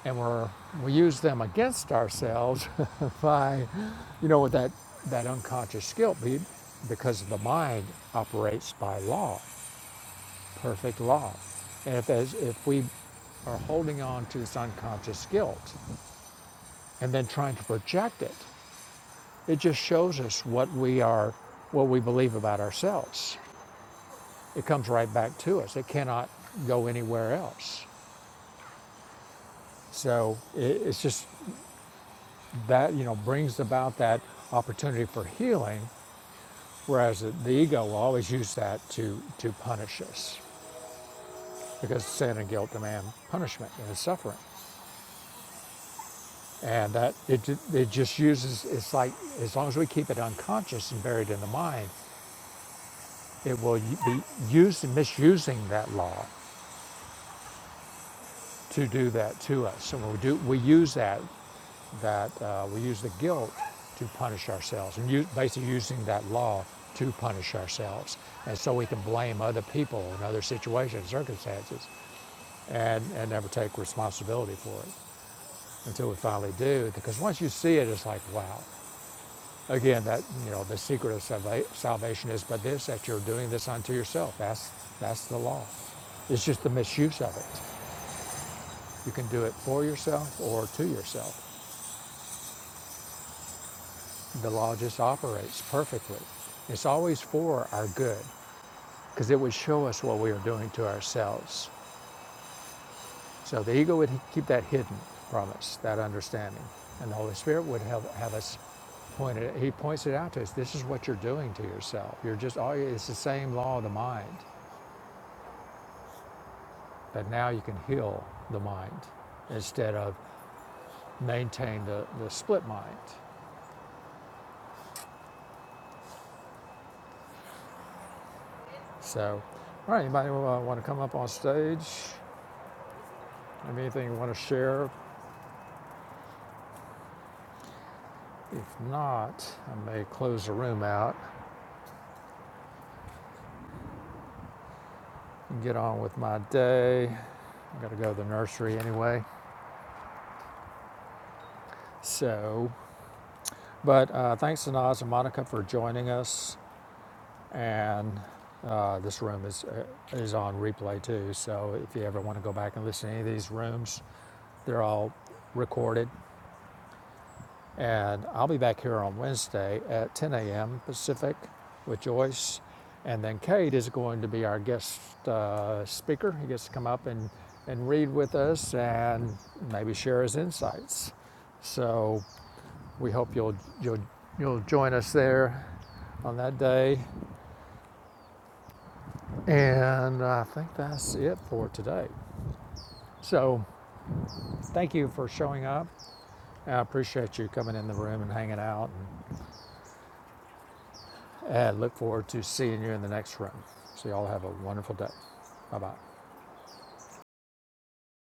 A: and we're, we use them against ourselves by, you know, with that, that unconscious guilt be, because the mind operates by law, perfect law. And if, as, if we are holding on to this unconscious guilt and then trying to project it, it just shows us what we are, what we believe about ourselves. It comes right back to us. It cannot go anywhere else. So it, it's just that you know brings about that opportunity for healing whereas the, the ego will always use that to to punish us because sin and guilt demand punishment and suffering and that it, it just uses it's like as long as we keep it unconscious and buried in the mind it will be used misusing that law to do that to us and we do we use that that uh, we use the guilt to punish ourselves, and use, basically using that law to punish ourselves. And so we can blame other people and other situations, circumstances, and, and never take responsibility for it until we finally do. Because once you see it, it's like, wow. Again, that you know the secret of salva- salvation is but this that you're doing this unto yourself. That's that's the law. It's just the misuse of it. You can do it for yourself or to yourself. the law just operates perfectly. It's always for our good because it would show us what we are doing to ourselves. So the ego would keep that hidden from us, that understanding. And the Holy Spirit would have, have us point it, He points it out to us. This is what you're doing to yourself. You're just, all- it's the same law of the mind, but now you can heal the mind instead of maintain the, the split mind. So, all right, anybody want to come up on stage? Have anything you want to share If not, I may close the room out and get on with my day. I gotta go to the nursery anyway. So, but uh, thanks to Naz and Monica for joining us. And uh, this room is uh, is on replay too. So if you ever want to go back and listen to any of these rooms, they're all recorded And I'll be back here on Wednesday at 10 a.m. Pacific with Joyce. And then Kate is going to be our guest uh, speaker. He gets to come up and, and read with us and maybe share his insights. So we hope you'll, you'll, you'll join us there on that day. And I think that's it for today. So thank you for showing up. I appreciate you coming in the room and hanging out. And and look forward to seeing you in the next run. So, y'all have a wonderful day. Bye bye.